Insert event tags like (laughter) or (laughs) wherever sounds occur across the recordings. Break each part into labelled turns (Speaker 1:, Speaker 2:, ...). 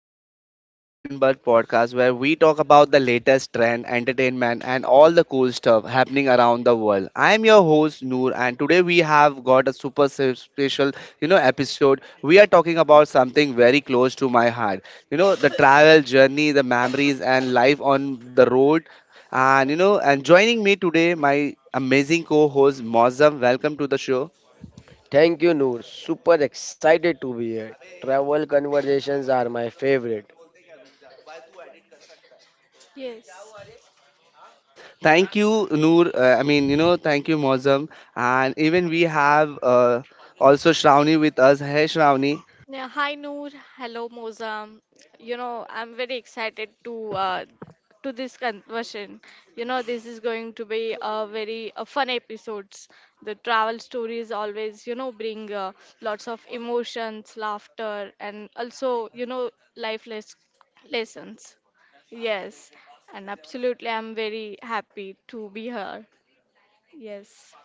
Speaker 1: everyone, welcome to Trendbuzz Podcast, where we talk about the latest trend, entertainment, and all the cool stuff happening around the world. I am your host Noor, and today we have got a super special, episode. We are talking about something very close to my heart. You know, the travel journey, the memories, and life on the road. And joining me today, my amazing co-host Mozam. Welcome to the show.
Speaker 2: Thank you, Noor. Super excited to be here. Travel conversations are my favorite.
Speaker 3: Yes.
Speaker 1: Thank you, Noor. Thank you, Mozam. And even we have also Shravani with us. Hey, Shravani.
Speaker 3: Yeah, hi Noor. Hello Mozam. You know, I'm very excited to this conversion. You know, this is going to be a very a fun episodes. The travel stories always, you know, bring lots of emotions, laughter, and also, you know, life les- lessons. Yes, and absolutely, I'm very happy to be here. Yes.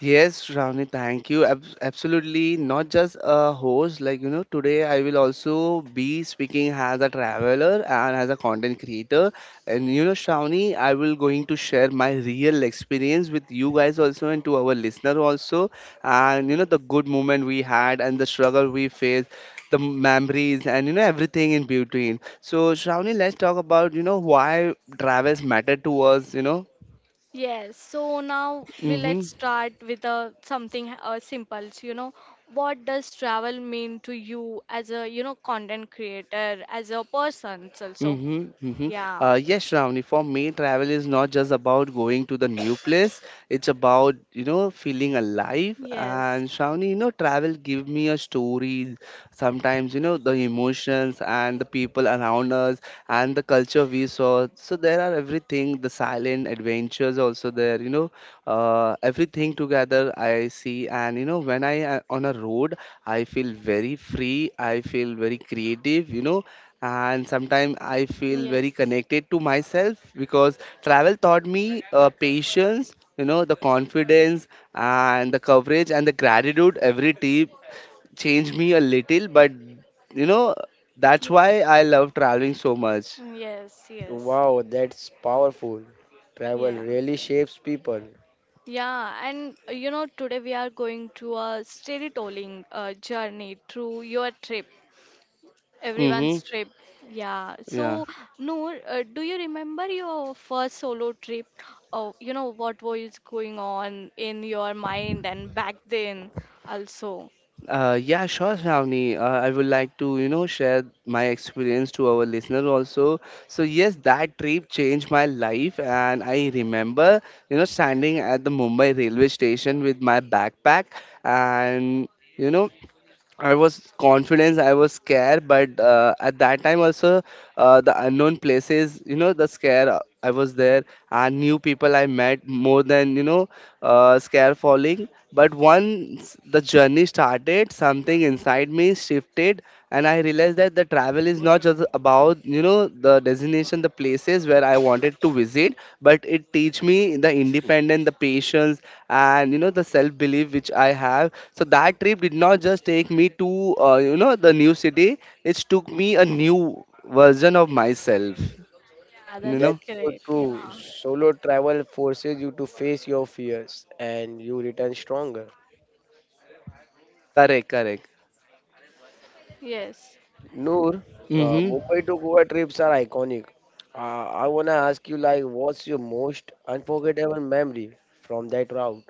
Speaker 1: Yes, Ravni, thank you. Absolutely, not just a host. Today I will also be speaking as a traveler and as a content creator. Shravani, I will going to share my real experience with you guys also and to our listener also. The good moment we had and the struggle we faced, the memories and everything in between. So, Shravani, let's talk about why travels matter to us.
Speaker 3: Yes, so now we let's
Speaker 1: Mm-hmm.
Speaker 3: start with a something simple. So, you know, what does travel mean to you as a content creator, as a person? Also,
Speaker 1: Mm-hmm, mm-hmm.
Speaker 3: yeah,
Speaker 1: Yes, Shravani, for me, travel is not just about going to the new place. It's about, you know, feeling alive.
Speaker 3: yes,
Speaker 1: And Shravani, you know, travel give me a story. Sometimes, you know, the emotions and the people around us and the culture we saw. So there are everything, the silent adventures also there, everything together I see. And, you know, when I on a road, I feel very free. I feel very creative, you know, and sometimes I feel very
Speaker 3: yes,
Speaker 1: connected to myself because travel taught me patience, you know, the confidence and the coverage and the gratitude. Every trip changed me a little, but you know, that's
Speaker 3: ye-
Speaker 1: why I love traveling so much.
Speaker 3: yes, yes,
Speaker 2: Wow, that's powerful. Travel
Speaker 3: yeah.
Speaker 2: really shapes people.
Speaker 3: Yeah, and today we are going to a storytelling journey through your trip.
Speaker 1: Mm-hmm.
Speaker 3: Everyone's trip. Yeah.
Speaker 1: Yeah.
Speaker 3: So, Noor, do you remember your first solo trip? Oh, you know, what was going on in your mind and back then also?
Speaker 1: Yeah, sure, Shravani. I would like to, you know, share my experience to our listener also. So yes, that trip changed my life, and I remember, you know, standing at the Mumbai railway station with my backpack, and you know, I was confident, I was scared, but at that time also, the unknown places, you know, the scare I was there, and new people I met more than, scare falling. But once the journey started, something inside me shifted, and I realized that the travel is not just about, you know, the destination, the places where I wanted to visit, but it teach me the independence, the patience, and you know, the self belief which I have. So that trip did not just take me to the new city, it took me a new version of myself,
Speaker 3: Yeah,
Speaker 1: you
Speaker 3: that's
Speaker 2: That's
Speaker 1: know.
Speaker 2: so
Speaker 3: great.
Speaker 2: true.
Speaker 3: Yeah.
Speaker 2: Solo travel forces you to face your fears and you return stronger.
Speaker 1: Correct, correct.
Speaker 3: Yes.
Speaker 2: Noor,
Speaker 1: Mm-hmm.
Speaker 2: Mumbai to Goa trips are iconic. I wanna ask you, like, what's your most unforgettable memory from that route?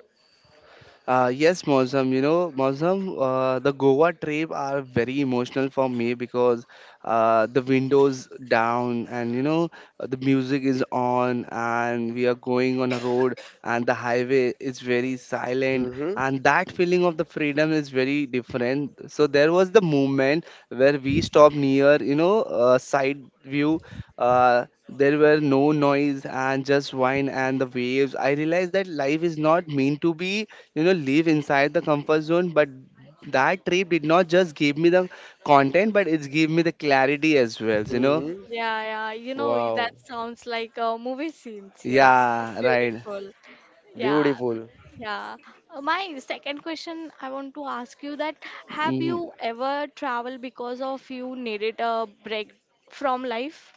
Speaker 1: Yes, Mozam, the Goa trip are very emotional for me because the windows down, and you know, the music is on, and we are going on a road, and the highway is very silent,
Speaker 2: Mm-hmm.
Speaker 1: and that feeling of the freedom is very different. So there was the moment where we stopped near, side view. There were no noise, and just wine and the waves. I realized that life is not meant to be, you know, live inside the comfort zone, but that trip did not just give me the content, but it gave me the clarity as well, you know.
Speaker 2: Mm-hmm.
Speaker 3: Yeah, yeah. You know, that
Speaker 2: Wow,
Speaker 3: sounds like a movie scenes. Yes. It's
Speaker 1: Yeah, right.
Speaker 3: beautiful. Yeah,
Speaker 2: beautiful.
Speaker 3: yeah. My second question I want to ask you that have
Speaker 1: Hmm.
Speaker 3: you ever traveled because of you needed a break from life?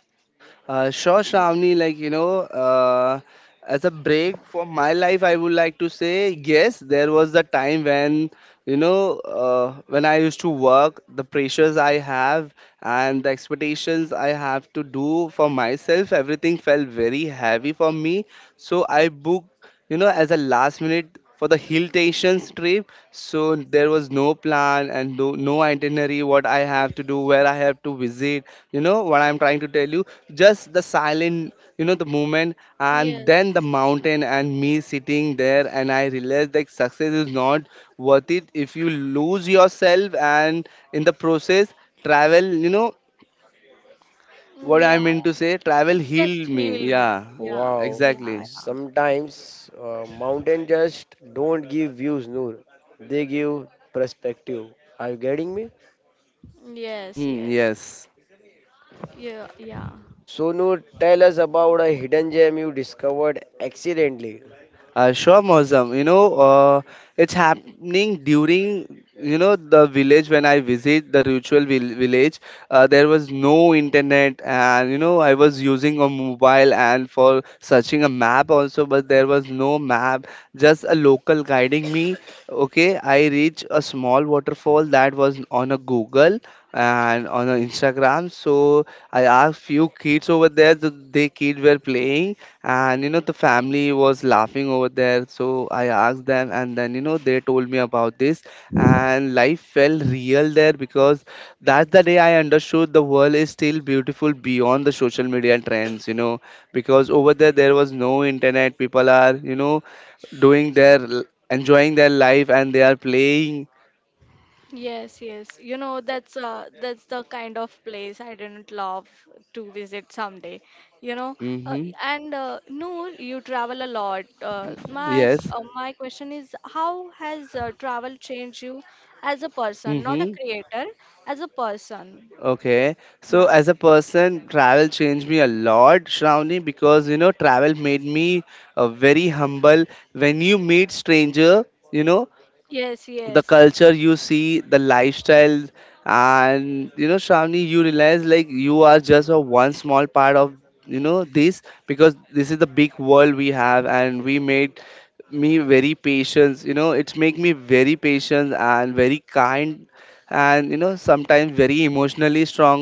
Speaker 1: Sure,
Speaker 3: Yeah.
Speaker 1: Shravani, as a break for my life, I would like to say yes, there was the time when when I used to work, the pressures I have and the expectations I have to do for myself, everything felt very heavy for me. So I booked, you know, as a last minute for the hill stations trip. So there was no plan, and no itinerary what I have to do, where I have to visit, you know, what I'm trying to tell you. Just the silent, you know, the moment, and then the
Speaker 3: Yes.
Speaker 1: mountain and me sitting there, and I realized that success is not worth it if you lose yourself, and in the process travel, you know,
Speaker 3: Mm,
Speaker 1: what I
Speaker 3: yeah.
Speaker 1: mean to say, travel
Speaker 3: It just
Speaker 1: healed me.
Speaker 3: healed me.
Speaker 1: Yeah,
Speaker 3: Yeah.
Speaker 2: Wow.
Speaker 1: exactly.
Speaker 3: Yeah.
Speaker 2: Sometimes mountain just don't give views, Noor. They give perspective. Are you getting me?
Speaker 3: Yes,
Speaker 1: Hmm,
Speaker 3: yes.
Speaker 1: yes.
Speaker 3: Yeah, yeah.
Speaker 2: So Noor, tell us about a hidden gem you discovered accidentally.
Speaker 1: Sure, Mozam. It's happening during, you know, the village when I visit the ritual village. There was no internet, and you know, I was using a mobile and for searching a map also, but there was no map. Just a local guiding me. Okay, I reach a small waterfall that was on a Google and on our Instagram. So I asked few kids over there. They kids were playing, and you know, the family was laughing over there. So I asked them, and then you know, they told me about this, and life felt real there because that's the day I understood the world is still beautiful beyond the social media trends. You know, because over there there was no internet. People are, you know, doing their enjoying their life and they are playing.
Speaker 3: Yes, yes. You know, that's the kind of place I didn't love to visit someday. You know, uh,
Speaker 1: Mm-hmm.
Speaker 3: and Noor, you travel a lot. Uh, my s-
Speaker 1: Yes.
Speaker 3: uh, my question is, how has travel changed you as a person, not a
Speaker 1: Mm-hmm.
Speaker 3: creator, as a person?
Speaker 1: Okay, so
Speaker 3: Yeah.
Speaker 1: as a person, travel changed me a lot, Shravani, because you know, travel made me very humble. When you meet stranger, you know,
Speaker 3: Yes,
Speaker 1: the
Speaker 3: yes.
Speaker 1: culture you see, the lifestyle, and you know, Shravani, you realize, like, you are just a one small part of, you know, this, because this is the big world we have, and we made me very patient, you know, it's make me very patient and very kind, and you know, sometimes very emotionally strong,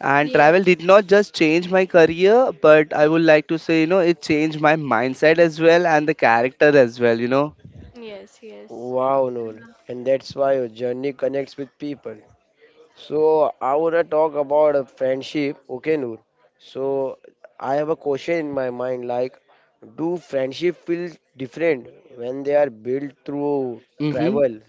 Speaker 1: and
Speaker 3: Yes,
Speaker 1: travel did not just change my career, but I would like to say, you know, it changed my mindset as well, and the character as well, you know.
Speaker 3: yes, yes.
Speaker 2: Wow, Noor. And that's why your journey connects with people. So I wanna talk about a friendship, okay, Noor. So I have a question in my mind like, do friendship feel different when they are built through
Speaker 1: Mm-hmm.
Speaker 2: travel?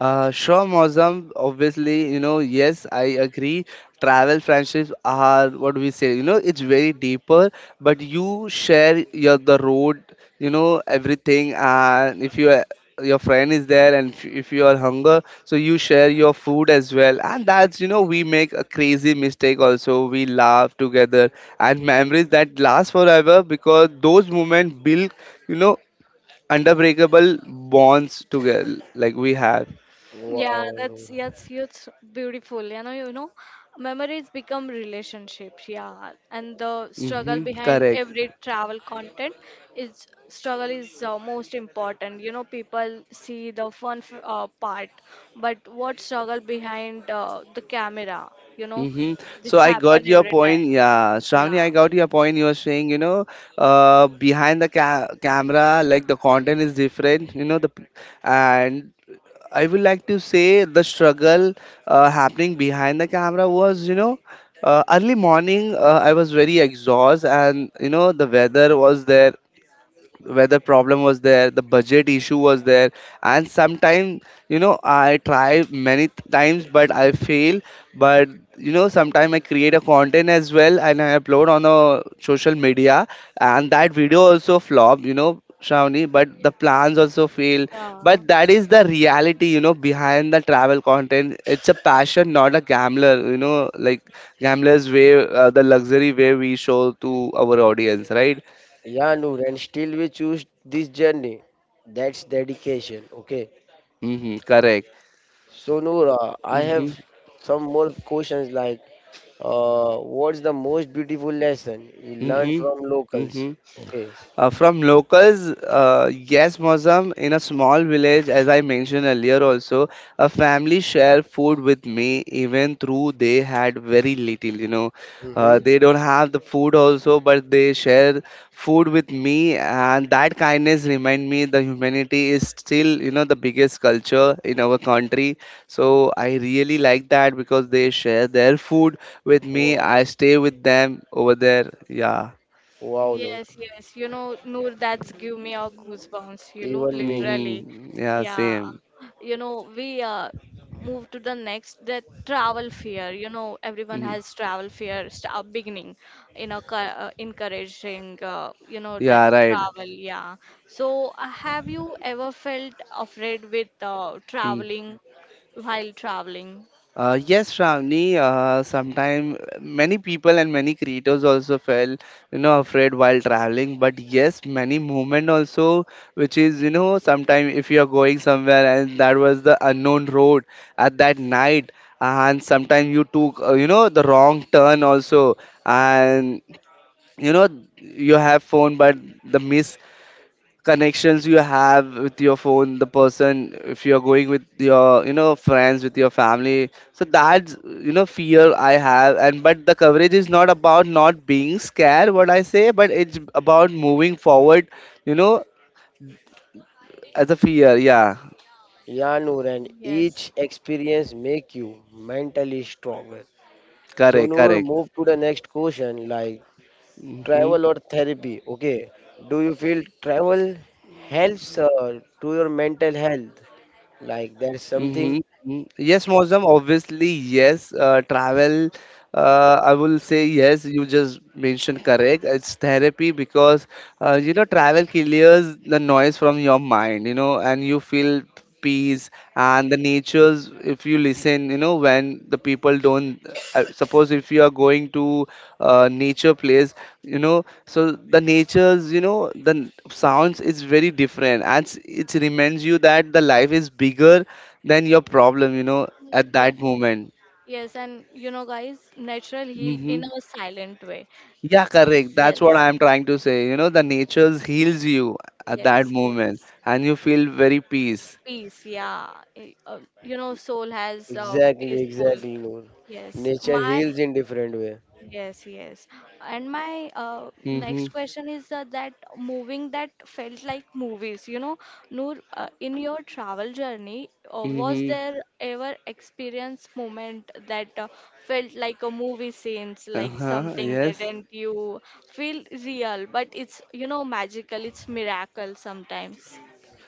Speaker 1: Sure, Mozam. Obviously, you know, yes, I agree. Travel friendships are what we say, you know, it's very deeper, but you share your the road, you know, everything. And if you, your friend is there, and if you are hunger, so you share your food as well, and that's, you know, we make a crazy mistake also, we laugh together, and memories that last forever because those moments build, you know, unbreakable bonds together like we have.
Speaker 3: Yeah,
Speaker 2: Wow.
Speaker 3: that's yes, it's beautiful. You know, memories become relationships. Yeah, and the struggle
Speaker 1: Mm-hmm,
Speaker 3: behind
Speaker 1: correct.
Speaker 3: every travel content is struggle is most important. You know, people see the part, but what struggle behind the camera? You know,
Speaker 1: Mm-hmm. So
Speaker 3: it's
Speaker 1: I
Speaker 3: happen
Speaker 1: got your
Speaker 3: every
Speaker 1: point.
Speaker 3: time.
Speaker 1: Yeah, Shravani,
Speaker 3: Yeah,
Speaker 1: I got your point. You were saying, you know, behind the camera, like the content is different, you know, the p- and I would like to say the struggle happening behind the camera was, you know, early morning. I was very exhausted, and you know, the weather was there. Whether problem was there, the budget issue was there, and sometimes, you know, I try many times but I fail. But you know, sometimes I create a content as well, and I upload on a social media, and that video also flop, you know, Shravani, but the plans also fail.
Speaker 3: yeah.
Speaker 1: But that is the reality, you know, behind the travel content, it's a passion, not a gambler, you know, like gamblers way, the luxury way we show to our audience, right?
Speaker 2: Yeah, Noor, and still we choose this journey. That's dedication. Okay.
Speaker 1: Mm-hmm, correct.
Speaker 2: So, Noor, I
Speaker 1: Mhm.
Speaker 2: have some more questions like what's the most beautiful lesson you learned
Speaker 1: Mhm.
Speaker 2: from locals?
Speaker 1: Mhm.
Speaker 2: Okay.
Speaker 1: From locals, yes, Mozam, in a small village, as I mentioned earlier, also a family share food with me, even through they had very little. You know,
Speaker 2: Mm-hmm.
Speaker 1: they don't have the food also, but they share food with me, and that kindness remind me the humanity is still, you know, the biggest culture in our country. So I really like that because they share their food with me.
Speaker 2: Wow.
Speaker 1: I stay with them over there. Yeah.
Speaker 2: Wow, Noor.
Speaker 3: Yes, yes. You know, Noor, that's give me a goosebumps,
Speaker 2: Even me.
Speaker 3: literally.
Speaker 1: Hmm. Yeah,
Speaker 3: Yeah.
Speaker 1: same.
Speaker 3: You know, we move to the next, the travel fear. You know, everyone
Speaker 1: Hmm.
Speaker 3: has travel fear, start beginning, you know, encouraging, you know, that
Speaker 1: Yeah, right.
Speaker 3: travel. Yeah. So, have you ever felt afraid with
Speaker 1: Mm.
Speaker 3: traveling while traveling?
Speaker 1: Yes, Shravani, sometimes many people and many creators also felt, you know, afraid while traveling. But yes, many movement also, which is, you know, sometimes if you are going somewhere and that was the unknown road at that night, and sometimes you took, the wrong turn also, and you know, you have phone, but the miss connections you have with your phone, the person, if you're going with your, you know, friends, with your family, so that's, you know, fear I have. And but the coverage is not about not being scared, what I say, but it's about moving forward, you know, as a fear. Yeah.
Speaker 2: Yeah,
Speaker 3: Uh,
Speaker 2: Noor, and each
Speaker 3: yes.
Speaker 2: experience make you mentally stronger. So,
Speaker 1: Correct,
Speaker 2: Noor,
Speaker 1: correct.
Speaker 2: move to the next question like
Speaker 1: Mhm.
Speaker 2: travel or therapy? Okay, do you feel travel helps to your mental health? Like there's
Speaker 1: Mm-hmm.
Speaker 2: something
Speaker 1: Mm-hmm. Yes, Mozam, obviously, yes. Travel, I will say yes. You just mentioned correct. It's therapy because, travel clears the noise from your mind, and you feel peace and the natures if you listen when the people don't. I suppose if you are going to nature place so the nature's sounds is very different and it reminds you that the life is bigger then your problem, at
Speaker 3: Yeah.
Speaker 1: that moment.
Speaker 3: Yes, and you know, guys, natural heal in
Speaker 1: Hmm.
Speaker 3: a silent way.
Speaker 1: Yeah, correct,
Speaker 3: Yes,
Speaker 1: that's what I'm trying to say. The nature heals you at that
Speaker 3: yes,
Speaker 1: moment
Speaker 3: yes.
Speaker 1: and you feel very peace.
Speaker 3: Peace, yeah. You know, soul has
Speaker 2: exactly,
Speaker 3: peaceful.
Speaker 2: exactly, Noor.
Speaker 3: Yes,
Speaker 2: Nature
Speaker 3: my
Speaker 2: heals in different way.
Speaker 3: yes, yes. And my
Speaker 1: Mm-hmm.
Speaker 3: next question is that moving that felt like movies, you know, Noor, in your travel journey, was
Speaker 1: Mm-hmm.
Speaker 3: there ever experience moment that felt like a movie scenes, like
Speaker 1: Uh-huh.
Speaker 3: something that
Speaker 1: Yes.
Speaker 3: did you feel real, but it's, you know, magical, it's miracle sometimes.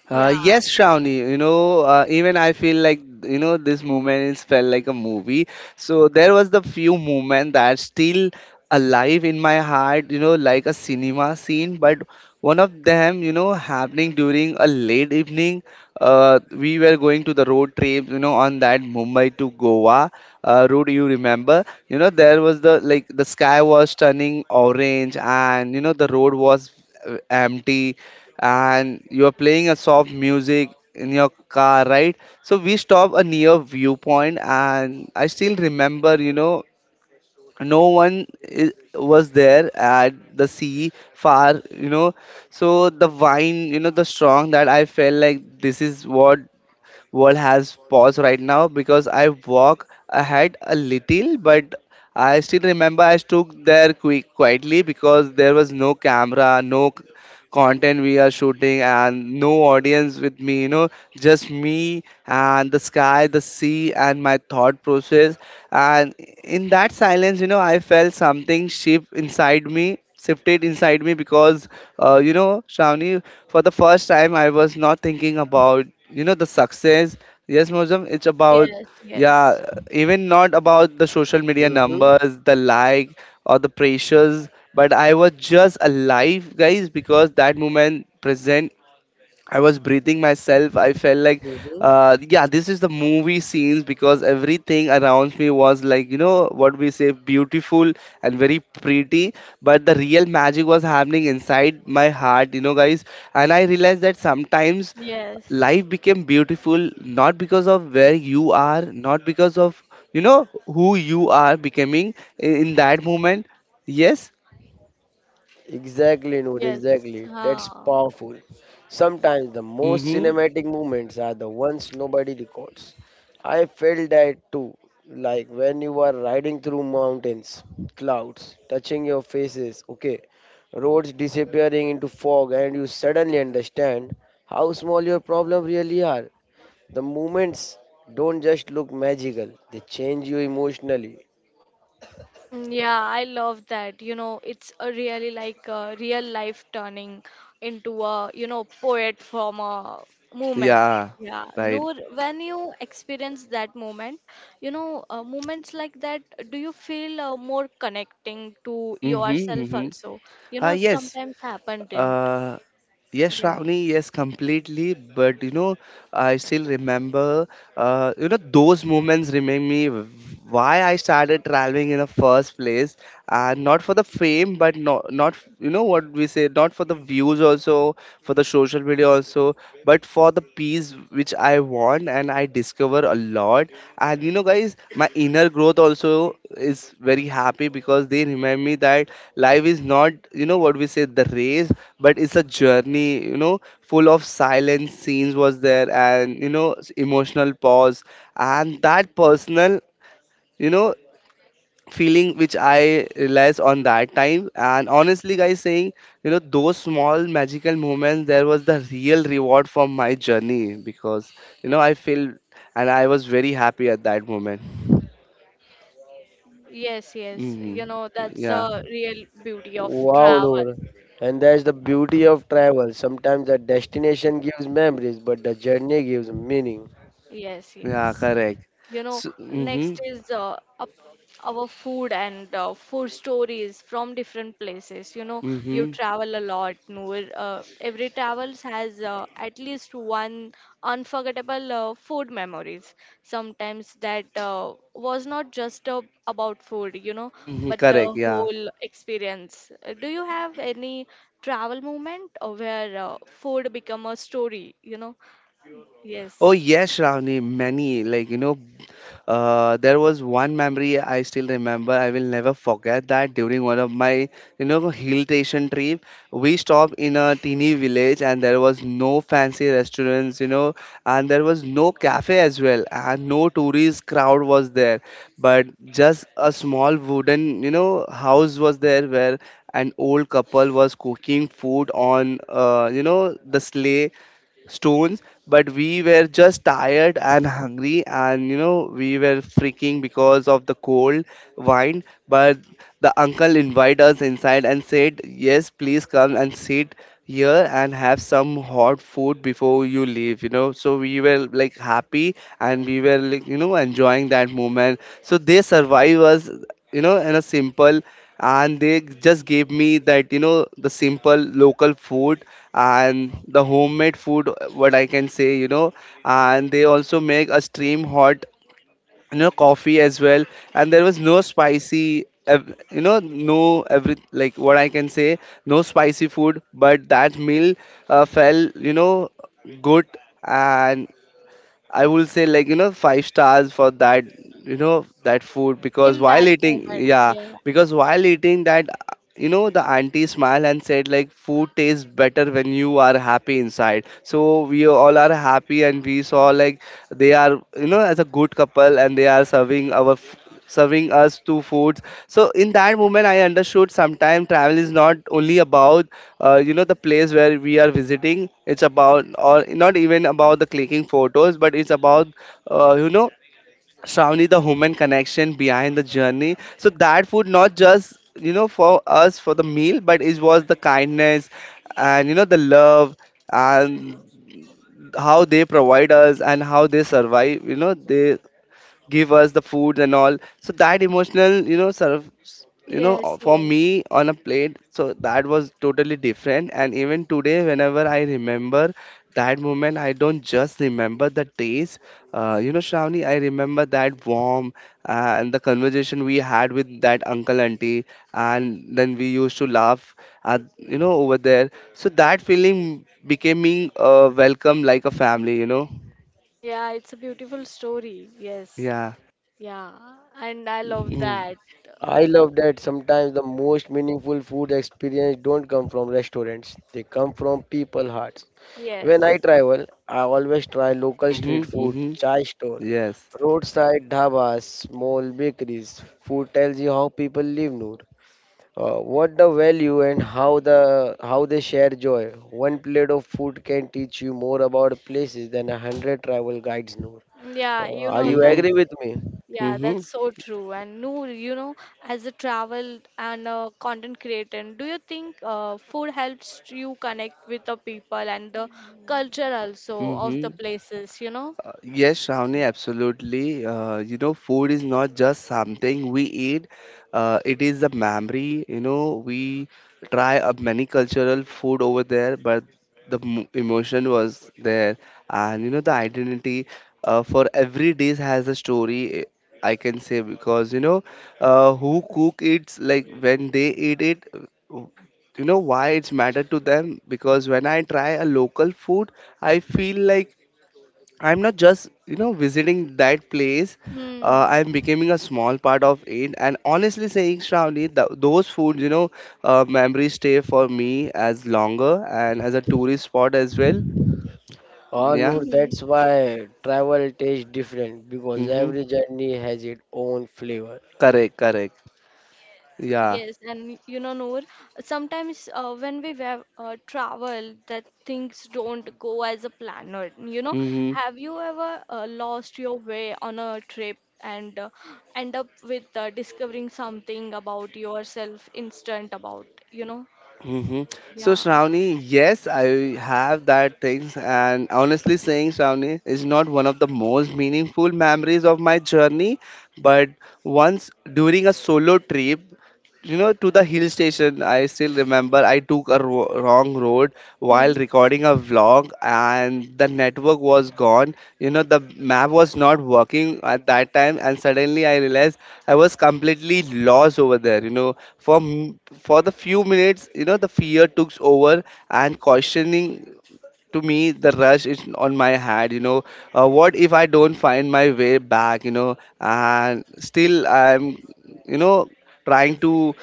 Speaker 3: Yeah.
Speaker 1: Yes, Shravani, even I feel like, this movement is felt like a movie. So there was the few movement that still alive in my heart, like a cinema scene. But one of them, happening during a late evening. We were going to the road trip, on that Mumbai to Goa road, you remember, there was the, like, the sky was turning orange and, the road was empty and you're playing a soft music in your car, right? So we stop a near viewpoint, and I still remember, no one was there at the sea far, So the wine, the strong that I felt like this is what world has paused right now because I walk ahead a little, but I still remember I stood there quick quietly because there was no camera, no content we are shooting and no audience with me. Just me and the sky, the sea, and my thought process. And in that silence, I felt something shifted inside me because Shravani, for the first time I was not thinking about, the success. Yes, Mozam, it's about,
Speaker 3: Yes, yes,
Speaker 1: yeah, even not about the social media
Speaker 2: Mm-hmm.
Speaker 1: numbers, the like, or the pressures, but I was just alive, guys, because that moment present I was breathing myself. I felt like,
Speaker 2: Mm-hmm.
Speaker 1: yeah, this is the movie scenes because everything around me was like, what we say, beautiful and very pretty. But the real magic was happening inside my heart, guys. And I realized that sometimes
Speaker 3: yes,
Speaker 1: life became beautiful not because of where you are, not because of, who you are becoming in that moment. Yes?
Speaker 2: Exactly, Noor,
Speaker 3: yes.
Speaker 2: exactly. That's
Speaker 3: Huh.
Speaker 2: powerful. Sometimes the
Speaker 1: Mm
Speaker 2: most
Speaker 1: hmm.
Speaker 2: cinematic moments are the ones nobody records. I felt that too, like when you are riding through mountains, clouds touching your faces, okay, roads disappearing into fog, and you suddenly understand how small your problems really are. The moments don't just look magical, they change you emotionally.
Speaker 3: Mm, yeah, I love that. You know, it's a really like a real life turning into a poet from a moment.
Speaker 1: Yeah.
Speaker 3: Yeah,
Speaker 1: Right.
Speaker 3: Noor, when you experience that moment, moments like that, do you feel more connecting to
Speaker 1: Mm hmm. Mm
Speaker 3: yourself
Speaker 1: hmm.
Speaker 3: also? You
Speaker 1: Ah,
Speaker 3: know,
Speaker 1: yes.
Speaker 3: sometimes happened in.
Speaker 1: Uh, yes,
Speaker 3: Yeah.
Speaker 1: Shravani, yes, completely. But I still remember, those moments remind me why I started traveling in the first place, and not for the fame, but not what we say, not for the views also, for the social media also, but for the piece which I want and I discover a lot. And guys, my inner growth also is very happy because they remind me that life is not, what we say, the race, but it's a journey, full of silent scenes was there and, emotional pause. And that personal, you know, feeling which I realized on that time. And honestly, guys, saying those small magical moments, there was the real reward for my journey because I feel and I was very happy at that moment.
Speaker 3: Yes, yes.
Speaker 1: Hmm.
Speaker 3: You know, that's
Speaker 1: Yeah,
Speaker 3: a real beauty of
Speaker 2: Wow,
Speaker 3: travel.
Speaker 2: Noor. And that's the beauty of travel. Sometimes the destination gives memories, but the journey gives meaning.
Speaker 3: Yes,
Speaker 1: yeah,
Speaker 3: yes.
Speaker 1: correct.
Speaker 3: You know,
Speaker 1: So, mm-hmm,
Speaker 3: next is up our food and food stories from different places. You know, you
Speaker 1: mm-hmm,
Speaker 3: travel a lot, Noor. Every travels has at least one unforgettable food memories. Sometimes that was not just about food, you know,
Speaker 1: mm-hmm,
Speaker 3: but the
Speaker 1: correct. Yeah.
Speaker 3: whole experience. Do you have any travel moment where food become a story? You know,
Speaker 1: Oh
Speaker 3: yes,
Speaker 1: yes, Ravni, many like there was one memory I still remember. I will never forget that during one of my hill station trip, we stopped in a teeny village and there was no fancy restaurants, and there was no cafe as well, and no tourist crowd was there, but just a small wooden house was there where an old couple was cooking food on the sleigh stones, but we were just tired and hungry and we were freaking because of the cold wine. But the uncle invited us inside and said yes please come and sit here and have some hot food before you leave. So we were like happy and we were like enjoying that moment, so they survived us in a simple, and they just gave me that the simple local food and the homemade food what I can say, and they also make a stream hot coffee as well. And there was no spicy no every like what I can say, no spicy food. But that meal felt good. And I will say like five stars for that, that food. Because
Speaker 3: in that
Speaker 1: while eating,
Speaker 3: moment,
Speaker 1: yeah,
Speaker 3: yeah.
Speaker 1: because while eating that, the auntie smiled and said like food tastes better when you are happy inside. So we all are happy and we saw like they are, as a good couple, and they are serving serving us two foods. So in that moment I understood sometimes travel is not only about, the place where we are visiting. It's about, or not even about the clicking photos, but it's about, uh, you know Shravani, the human connection behind the journey. So that food not just for us for the meal, but it was the kindness and the love, and how they provide us and how they survive, they give us the foods and all. So that emotional, sort of,
Speaker 3: Yes,
Speaker 1: for
Speaker 3: yes.
Speaker 1: me on a plate, so that was totally different. And even today whenever I remember that moment I don't just remember the taste, Shravani, I remember that warm, and the conversation we had with that uncle auntie, and then we used to laugh at, over there. So that feeling becoming, welcome like a family,
Speaker 3: Yeah, it's a beautiful story. Yes.
Speaker 1: yeah.
Speaker 3: Yeah. And I love
Speaker 1: Mm-hmm,
Speaker 3: that.
Speaker 2: I love that sometimes the most meaningful food experience don't come from restaurants. They come from people hearts. When
Speaker 3: Yes.
Speaker 2: I travel, I always try local
Speaker 1: mm-hmm.
Speaker 2: street food,
Speaker 1: Mm-hmm.
Speaker 2: chai stall,
Speaker 1: Yes.
Speaker 2: roadside dhabas, small bakeries. Food tells you how people live, Noor. What the value and how they share joy. One plate of food can teach you more about places than a hundred travel guides, Noor.
Speaker 3: Yeah, you
Speaker 2: Are
Speaker 3: know
Speaker 2: you
Speaker 1: Mhm.
Speaker 2: agree
Speaker 3: that's
Speaker 2: with me?
Speaker 3: yeah,
Speaker 1: Mhm.
Speaker 3: that's so true. And Noor, you know, as a travel and a content creator, do you think food helps you connect with the people and the culture also of the
Speaker 1: Mhm.
Speaker 3: places, you know?
Speaker 1: Yes, Shravani,
Speaker 3: Yeah.
Speaker 1: absolutely. Food is not just something we eat. It is a memory. We try many cultural food over there, but the emotion was there, and the identity for every dish has a story. I can say because who cook it's like when they eat it. You know why it's matter to them, because when I try a local food, I feel like I'm not just, visiting that place.
Speaker 3: Hmm.
Speaker 1: I'm becoming a small part of it. And honestly saying, Shravani, th those foods, memories stay for me as longer and as a tourist spot as well.
Speaker 2: Ah,
Speaker 1: Yeah.
Speaker 2: Noor, that's
Speaker 3: (laughs)
Speaker 2: why travel tastes different because
Speaker 1: Mm-hmm.
Speaker 2: every journey has its own flavor.
Speaker 1: Correct, correct.
Speaker 3: Yes,
Speaker 1: Yeah.
Speaker 3: yes, and you know, Noor, sometimes when we travel, that things don't go as a planner. You know,
Speaker 1: Mm-hmm.
Speaker 3: have you ever lost your way on a trip and end up with discovering something about yourself instant about, you know?
Speaker 1: Mm-hmm. So,
Speaker 3: Yeah.
Speaker 1: Shravani, yes, I have that things, and honestly saying, Shravani is not one of the most meaningful memories of my journey, but once during a solo trip to the hill station I still remember I took a wrong road while
Speaker 3: Hmm.
Speaker 1: recording a vlog, and the network was gone. The map was not working at that time, and suddenly I realized I was completely lost over there, for for the few minutes. The fear took over and questioning to me the rush is on my head, what if I don't find my way back, and still I'm, you know trying to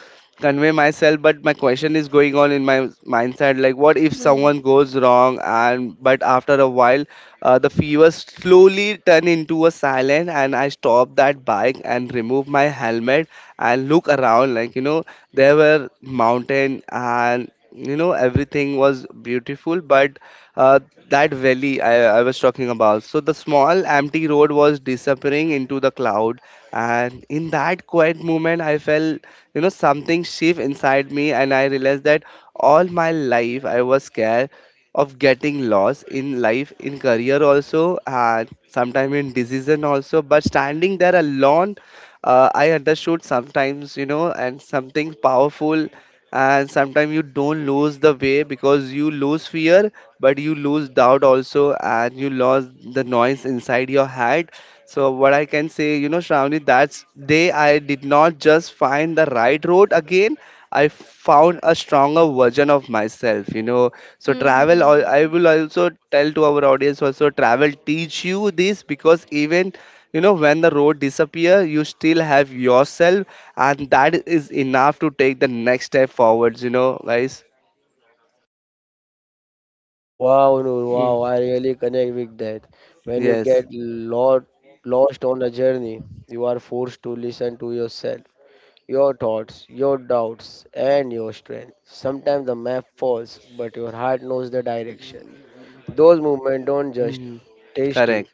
Speaker 1: convey myself, but my question is going on in my mindset like what if someone
Speaker 3: Hmm.
Speaker 1: goes wrong. And but after a while, the fever slowly turn into a silent and I stop that bike and remove my helmet and look around like, there were mountain and, everything was beautiful. But uh, that valley I was talking about, so the small empty road was disappearing into the cloud. And in that quiet moment I felt, something shift inside me, and I realized that all my life I was scared of getting lost in life, in career also, and sometime in decision also. But standing there alone, I understood sometimes, and something powerful. And sometimes you don't lose the way because you lose fear, but you lose doubt also, and you lose the noise inside your head. So what I can say, Shravani, that's day I did not just find the right road again. I found a stronger version of myself. So travel, I
Speaker 3: Hmm.
Speaker 1: will also tell to our audience, also travel teach you this, because even when the road disappear you still have yourself, and that is enough to take the next step forwards, guys.
Speaker 2: Wow, Noor,
Speaker 1: Mm.
Speaker 2: wow, I really connect with that. When you get
Speaker 1: Yes.
Speaker 2: lot, Lost on a journey, you are forced to listen to yourself, your thoughts, your doubts, and your strength. Sometimes the map falls, but your heart knows the direction. Those movements don't just
Speaker 1: Mhm.
Speaker 2: test you,
Speaker 1: Correct.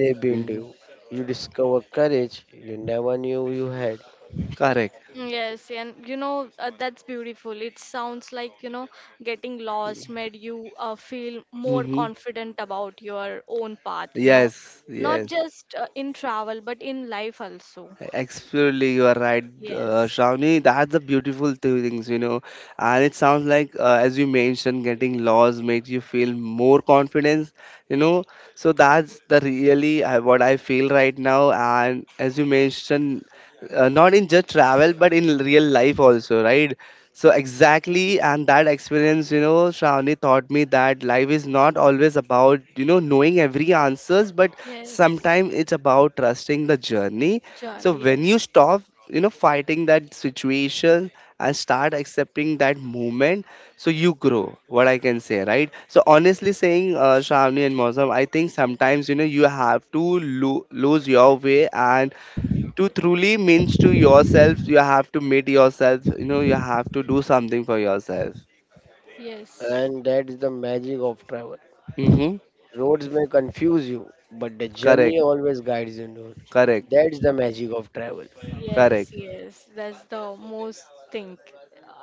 Speaker 2: they build
Speaker 1: Mhm.
Speaker 2: you. You discover courage you never knew you had,
Speaker 1: Correct.
Speaker 3: Yes, and you know, that's beautiful. It sounds like, you know, getting lost made you feel more
Speaker 1: Hmm.
Speaker 3: confident about your own path, you know,
Speaker 1: Yes.
Speaker 3: not
Speaker 1: Yes.
Speaker 3: just in travel, but in life also.
Speaker 1: Absolutely, you are right,
Speaker 3: Yes,
Speaker 1: Shravani. That's the beautiful things, And it sounds like, as you mentioned, getting lost makes you feel more confidence, you know. So that's the really what I feel right now. And as you mentioned, not in just travel, but in real life also, right? So exactly, and that experience, Shravani taught me that life is not always about, knowing every answers, but
Speaker 3: yes,
Speaker 1: sometimes it's about trusting the journey. So
Speaker 3: Johnny, yes,
Speaker 1: when you stop, fighting that situation and start accepting that moment, so you grow. What I can say, right? So honestly saying, Shravani and Mosam, I think sometimes you know you have to lose your way, and to truly means to yourself, you have to meet yourself. You know, you have to do something for yourself.
Speaker 3: yes.
Speaker 2: and that is the magic of travel.
Speaker 1: Mm-hmm.
Speaker 2: Roads may confuse you, but the journey
Speaker 1: Correct.
Speaker 2: always guides you.
Speaker 1: Correct.
Speaker 2: That's the magic of travel.
Speaker 3: Yes,
Speaker 1: Correct.
Speaker 3: yes, that's the most thing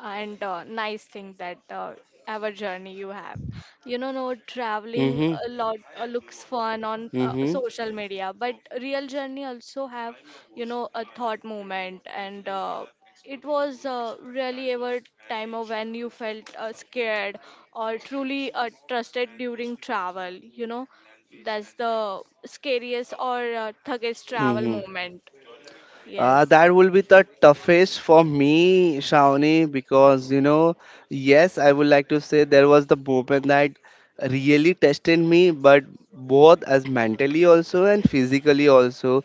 Speaker 3: and nice thing that ever journey you have. You know, no traveling
Speaker 1: Mm-hmm.
Speaker 3: a lot looks fun on
Speaker 1: Mm-hmm.
Speaker 3: social media, but real journey also have you know a thought moment and it was really ever time of when you felt scared or truly trusted during travel. You know, that's the scariest or thuggest travel
Speaker 1: Mm-hmm.
Speaker 3: moment. Yes.
Speaker 1: That will be the toughest for me, Shawnee, because you know, yes, I would like to say there was the moment that really tested me, but both as mentally also and physically also.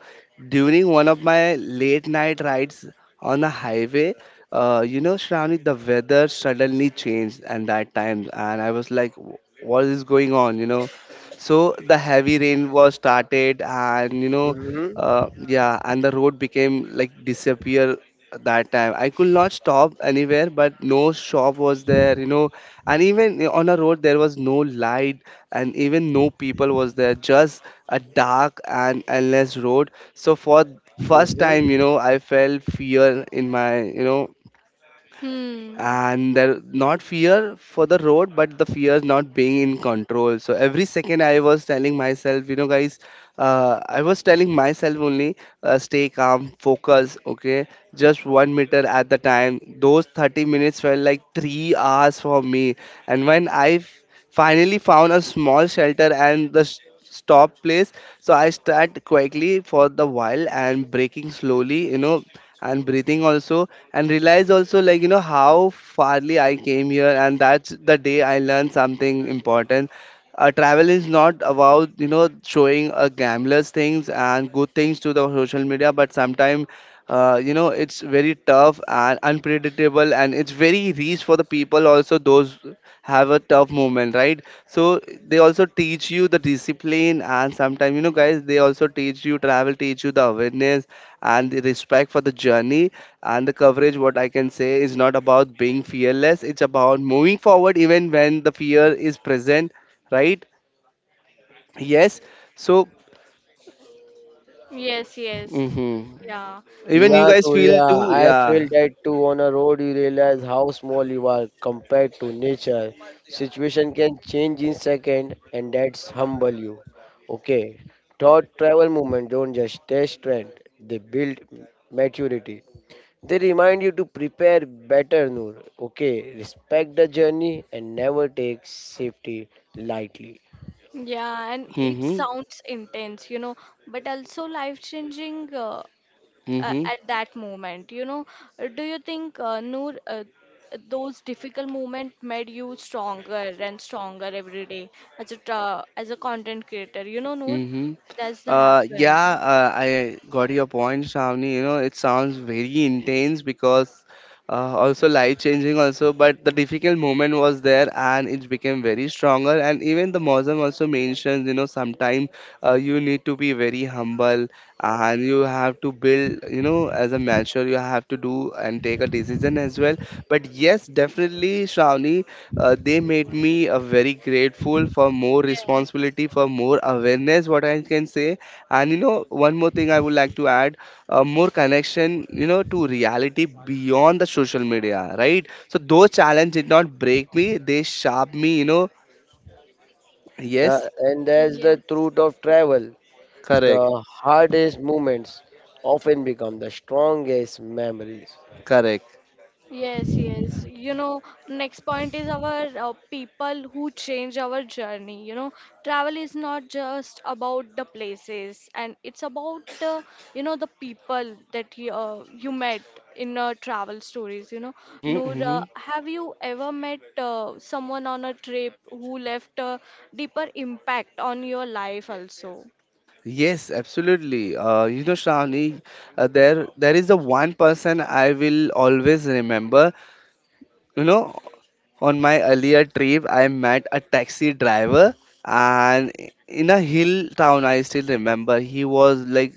Speaker 1: During one of my late night rides on the highway, you know, Shravani, the weather suddenly changed at that time, and I was like, What is going on, you know? So the heavy rain was started, and you know,
Speaker 2: Mm-hmm.
Speaker 1: yeah, and the road became like disappear. That time I could not stop anywhere, but no shop was there, you know, and even on a road there was no light, and even no people was there, just a dark and endless road. So for first time, you
Speaker 2: Mm-hmm.
Speaker 1: know, I felt fear in my, you know.
Speaker 3: Hmm.
Speaker 1: And there not fear for the road, but the fear not being in control. So every second I was telling myself, you know, guys, I was telling myself only, stay calm, focus, okay, just 1 meter at the time. Those 30 minutes felt like 3 hours for me. And when I finally found a small shelter and the stop place, so I start quickly for the while and breaking slowly, you know, and breathing also, and realize also like, you know, how farly I came here. And that's the day I learned something important. Travel is not about, you know, showing gamblers things and good things to the social media, but sometimes you know, it's very tough and unpredictable, and it's very rich for the people also, those have a tough moment, right? So they also teach you the discipline, and sometimes, you know, guys, they also teach you, travel teach you the awareness and the respect for the journey. And the coverage, what I can say, is not about being fearless, it's about moving forward even when the fear is present, right? Yes. So,
Speaker 3: Yes, yes.
Speaker 1: mhm.
Speaker 3: Yeah.
Speaker 1: Even you
Speaker 2: Yeah,
Speaker 1: guys feel
Speaker 2: Nuria,
Speaker 1: too,
Speaker 2: I feel
Speaker 1: yeah.
Speaker 2: that too. On a road, you realize how small you are compared to nature. Situation can change in second, and that's humble you. Okay, thought travel movement don't just test strength; they build maturity. They remind you to prepare better, Noor. Okay, respect the journey and never take safety lightly.
Speaker 3: And yeah, and it
Speaker 1: Mm-hmm.
Speaker 3: sounds intense, you know, but also life-changing
Speaker 1: Mm-hmm.
Speaker 3: at that moment, you know. Do you think, Noor, those difficult moments made you stronger and stronger every day as a content creator? You know, Noor,
Speaker 1: Mm-hmm.
Speaker 3: that's the happen.
Speaker 1: Yeah, I got your point, Shravani. You know, it sounds very intense, because also life changing also, but the difficult moment was there and it became very stronger. And even the Muslim also mentions, you know, sometimes you need to be very humble, and you have to build, you know, as a mature, you have to do and take a decision as well. But yes, definitely, Shravani, they made me very grateful for more
Speaker 3: Yes.
Speaker 1: responsibility, for more awareness, what I can say. And you know, one more thing I would like to add, more connection, you know, to reality beyond the social media, right? So those challenge did not break me, they sharp me, you know. Yes.
Speaker 2: And that's the
Speaker 3: Yes.
Speaker 2: truth of travel.
Speaker 1: Correct.
Speaker 2: The hardest moments often become the strongest memories.
Speaker 1: Correct.
Speaker 3: Yes, yes. You know, next point is our people who change our journey. You know, travel is not just about the places, and it's about the people that you met in travel stories. You know,
Speaker 1: Mm-hmm,
Speaker 3: Noor,
Speaker 1: mm-hmm.
Speaker 3: have you ever met someone on a trip who left a deeper impact on your life also?
Speaker 1: Yes, absolutely. You know, Shravani, there is the one person I will always remember. You know, on my earlier trip, I met a taxi driver, and in a hill town, I still remember he was like,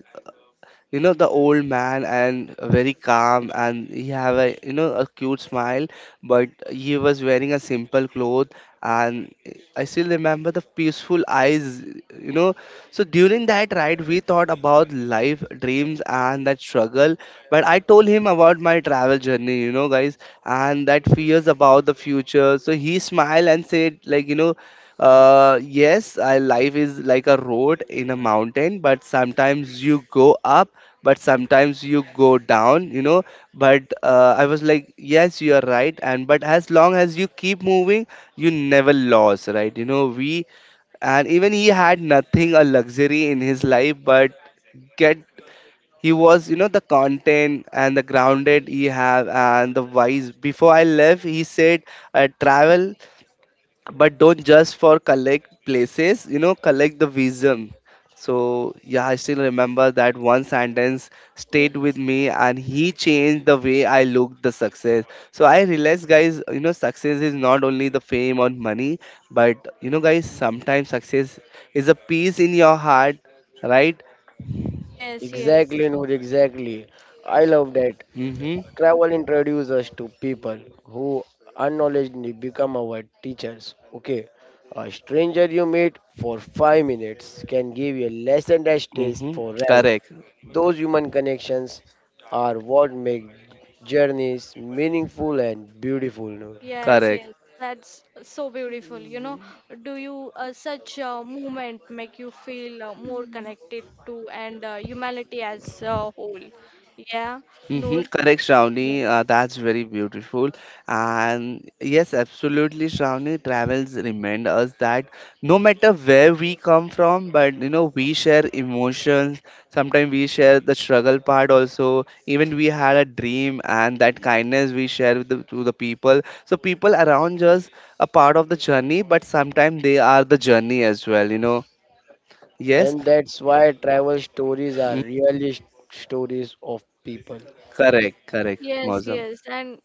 Speaker 1: you know, the old man, and very calm, and he have a, you know, a cute smile, but he was wearing a simple cloth, and I still remember the peaceful eyes, you know. So during that ride we thought about life, dreams, and that struggle. But I told him about my travel journey, you know, guys, and that fears about the future. So he smiled and said like, you know, yes, life is like a road in a mountain, but sometimes you go up, but sometimes you go down, you know. But I was like, yes, you are right, and but as long as you keep moving, you never lost, right? You know, we. And even he had nothing a luxury in his life, but get, he was, you know, the content and the grounded he have and the wise. Before I left, he said, travel, but don't just for collect places, you know, collect the wisdom. So yeah, I still remember that one sentence stayed with
Speaker 3: Yes.
Speaker 1: me, and he changed the way I looked the success. So I realized, guys, you know, success is not only the fame or money, but, you know, guys, sometimes success is a peace in your heart, right?
Speaker 3: Yes, yes.
Speaker 2: Exactly, Noor, exactly. I love that.
Speaker 1: Mm-hmm.
Speaker 2: Travel introduces us to people who unknowledgingly become our teachers. Okay, a stranger you meet for 5 minutes can give you a lesson that stays
Speaker 1: Mm-hmm.
Speaker 2: forever.
Speaker 1: Correct.
Speaker 2: Those human connections are what make journeys meaningful and beautiful, Noor.
Speaker 3: Yes,
Speaker 1: Correct.
Speaker 3: yes, that's so beautiful. You know, do you such a movement make you feel more connected to and humanity as a whole? Yeah,
Speaker 1: Mm-hmm,
Speaker 3: Noor.
Speaker 1: correct,
Speaker 3: Yes.
Speaker 1: Shravani. That's very beautiful. And yes, absolutely, Shravani. Travels remind us that no matter where we come from, but you know, we share emotions. Sometimes we share the struggle part also. Even we had a dream, and that kindness we share with the, to the people. So people around us are part of the journey, but sometimes they are the journey as well. You know. Yes.
Speaker 2: And that's why travel stories are
Speaker 1: Mm.
Speaker 2: really stories of people.
Speaker 1: Correct. Correct.
Speaker 3: Yes,
Speaker 1: Mosam.
Speaker 3: yes, and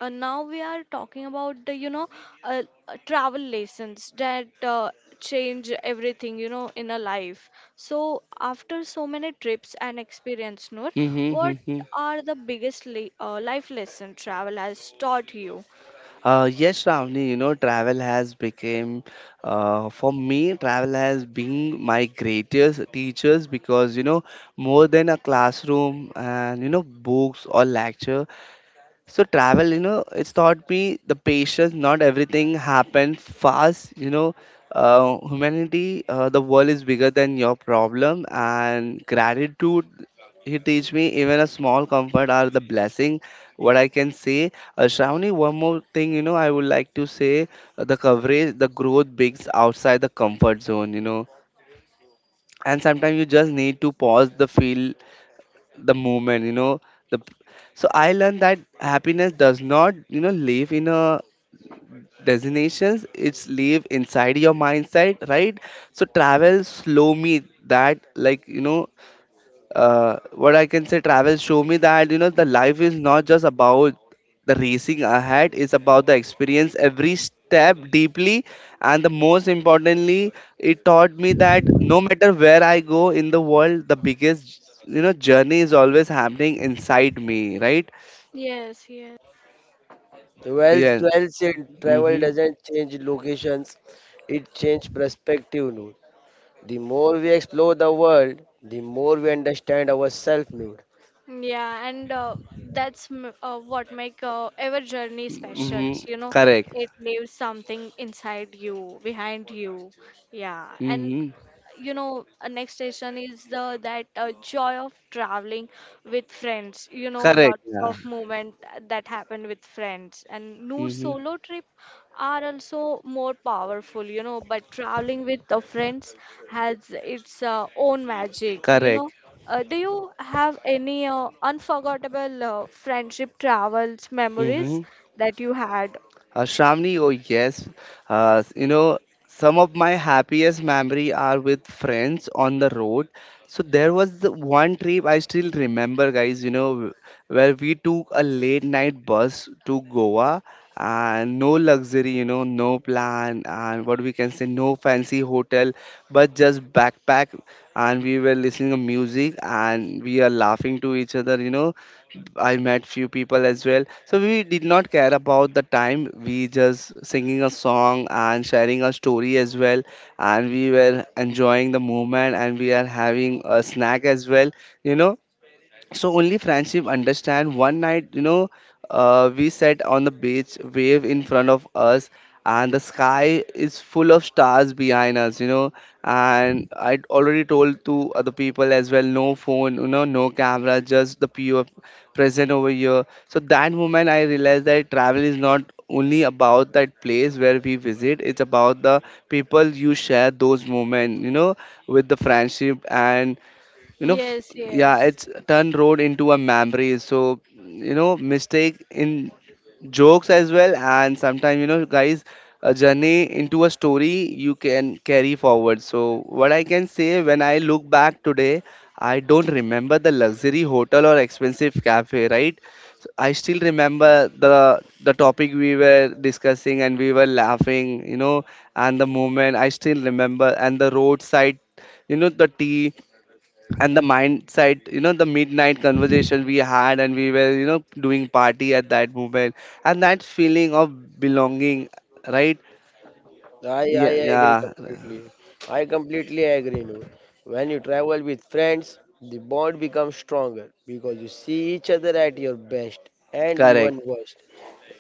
Speaker 3: now we are talking about the travel lessons that change everything you know in a life. So after so many trips and experience, Noor,
Speaker 1: Mm-hmm,
Speaker 3: what
Speaker 1: mm-hmm.
Speaker 3: are the biggest le life lesson travel has taught you?
Speaker 1: Yes, Ravni, you know, travel has become, for me, travel has been my greatest teachers, because, you know, more than a classroom and, you know, books or lecture, so travel, you know, it's taught me the patience. Not everything happened fast. You know, humanity, the world is bigger than your problem, and gratitude. He teach me even a small comfort are the blessing. What I can say, Shravani, one more thing, you know, I would like to say, the coverage, the growth bigs outside the comfort zone. You know, and sometimes you just need to pause the feel the moment, you know, the. So I learned that happiness does not, you know, live in a destinations, it's live inside your mindset, right? So travel slow me that, like, you know, what I can say, travel show me that, you know, the life is not just about the racing ahead; it's about the experience every step deeply, and the most importantly, it taught me that no matter where I go in the world, the biggest, you know, journey is always happening inside me, right?
Speaker 3: Yes, yes.
Speaker 2: Well,
Speaker 1: Yes.
Speaker 2: well said, travel
Speaker 1: Mm-hmm.
Speaker 2: doesn't change locations, it changes perspective. Noor. The more we explore the world, the more we understand ourselves. Noor.
Speaker 3: Yeah, and that's what make our journey special.
Speaker 1: Mm-hmm.
Speaker 3: You know,
Speaker 1: Correct.
Speaker 3: it leaves something inside you, behind you. Yeah, and
Speaker 1: Mm-hmm.
Speaker 3: you know next station is the that joy of traveling with friends you know
Speaker 1: Correct.
Speaker 3: lots of
Speaker 1: Yeah.
Speaker 3: moment that happen with friends and Noor
Speaker 1: Mm-hmm.
Speaker 3: solo trip are also more powerful you know but traveling with the friends has its own magic you know
Speaker 1: Correct.
Speaker 3: do you have any unforgettable friendship travels memories
Speaker 1: Mhm.
Speaker 3: that you had
Speaker 1: Shramni. Oh yes, you know, some of my happiest memory are with friends on the road. So there was the one trip I still remember, guys. Where we took a late night bus to Goa, and no luxury, you know, no plan, and what we can say, no fancy hotel, but just backpack. And we were listening to music and we are laughing to each other, you know. I met few people as well. So we did not care about the time. We just singing a song and sharing a story as well. And we were enjoying the moment and we are having a snack as well. You know, so only friendship understand. One night, you know, we sat on the beach, wave in front of us, and the sky is full of stars behind us, you know. And I already told to other people as well, no phone, you know, no camera, just the pure present over here. So that moment, I realized that travel is not only about that place where we visit, it's about the people you share those moments, you know, with the friendship, and, you know f-
Speaker 3: yes
Speaker 1: yeah,
Speaker 3: yes.
Speaker 1: it's turned road into a memory. So, you know, mistake in jokes as well, and sometimes, you know, guys, a journey into a story you can carry forward. So what I can say, when I look back today, I don't remember the luxury hotel or expensive cafe, right? I still remember the topic we were discussing and we were laughing, you know, and the moment I still remember, and the roadside, you know, the tea, and the mindset, you know, the midnight conversation we had, and we were, you know, doing party at that moment, and that feeling of belonging, right?
Speaker 2: I
Speaker 1: Yeah,
Speaker 2: agree
Speaker 1: yeah.
Speaker 2: completely. I completely agree. Noor. When you travel with friends, the bond becomes stronger because you see each other at your best and
Speaker 1: Correct.
Speaker 2: even worst,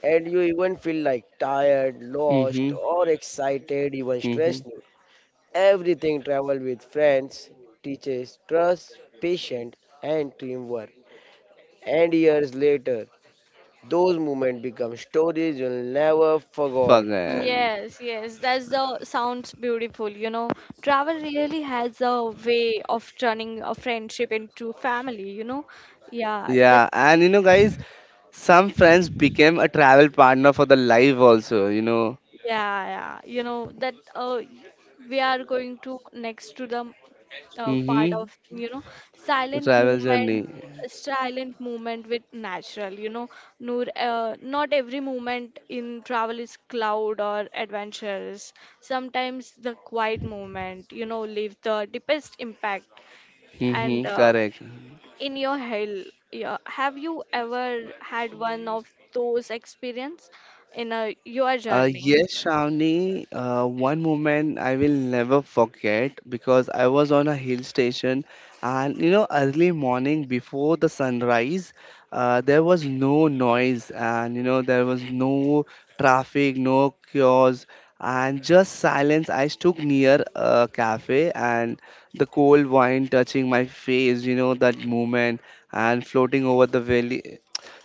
Speaker 2: and you even feel like tired, lost,
Speaker 1: Mm-hmm.
Speaker 2: or excited, even
Speaker 1: Mm-hmm.
Speaker 2: stressed. Everything travel with friends teaches trust, patience, and teamwork. And years later, those moments become stories you'll never forget.
Speaker 1: Fucking.
Speaker 3: Yes, yes, that's the sounds beautiful, you know. Travel really has a way of turning a friendship into family, you know. Yeah, that
Speaker 1: Yeah, and you know, guys, some friends became a travel partner for the life also, you know.
Speaker 3: Yeah, yeah. You know that we are going to next to the part
Speaker 1: Mm-hmm.
Speaker 3: of you know silent
Speaker 1: Travel
Speaker 3: movement,
Speaker 1: journey.
Speaker 3: silent movement with natural. You know, Noor, not every movement in travel is cloud or adventurous. Sometimes the quiet movement, you know, leave the deepest impact. And
Speaker 1: Mm-hmm. Correct.
Speaker 3: in your hell, yeah, have you ever had one of those experience in a your journey?
Speaker 1: Yes, Shravani, one moment I will never forget, because I was on a hill station, and you know, early morning before the sunrise, there was no noise, and you know, there was no traffic, no chaos, and just silence. I stood near a cafe, and the cold wine touching my face, you know, that moment, and floating over the valley.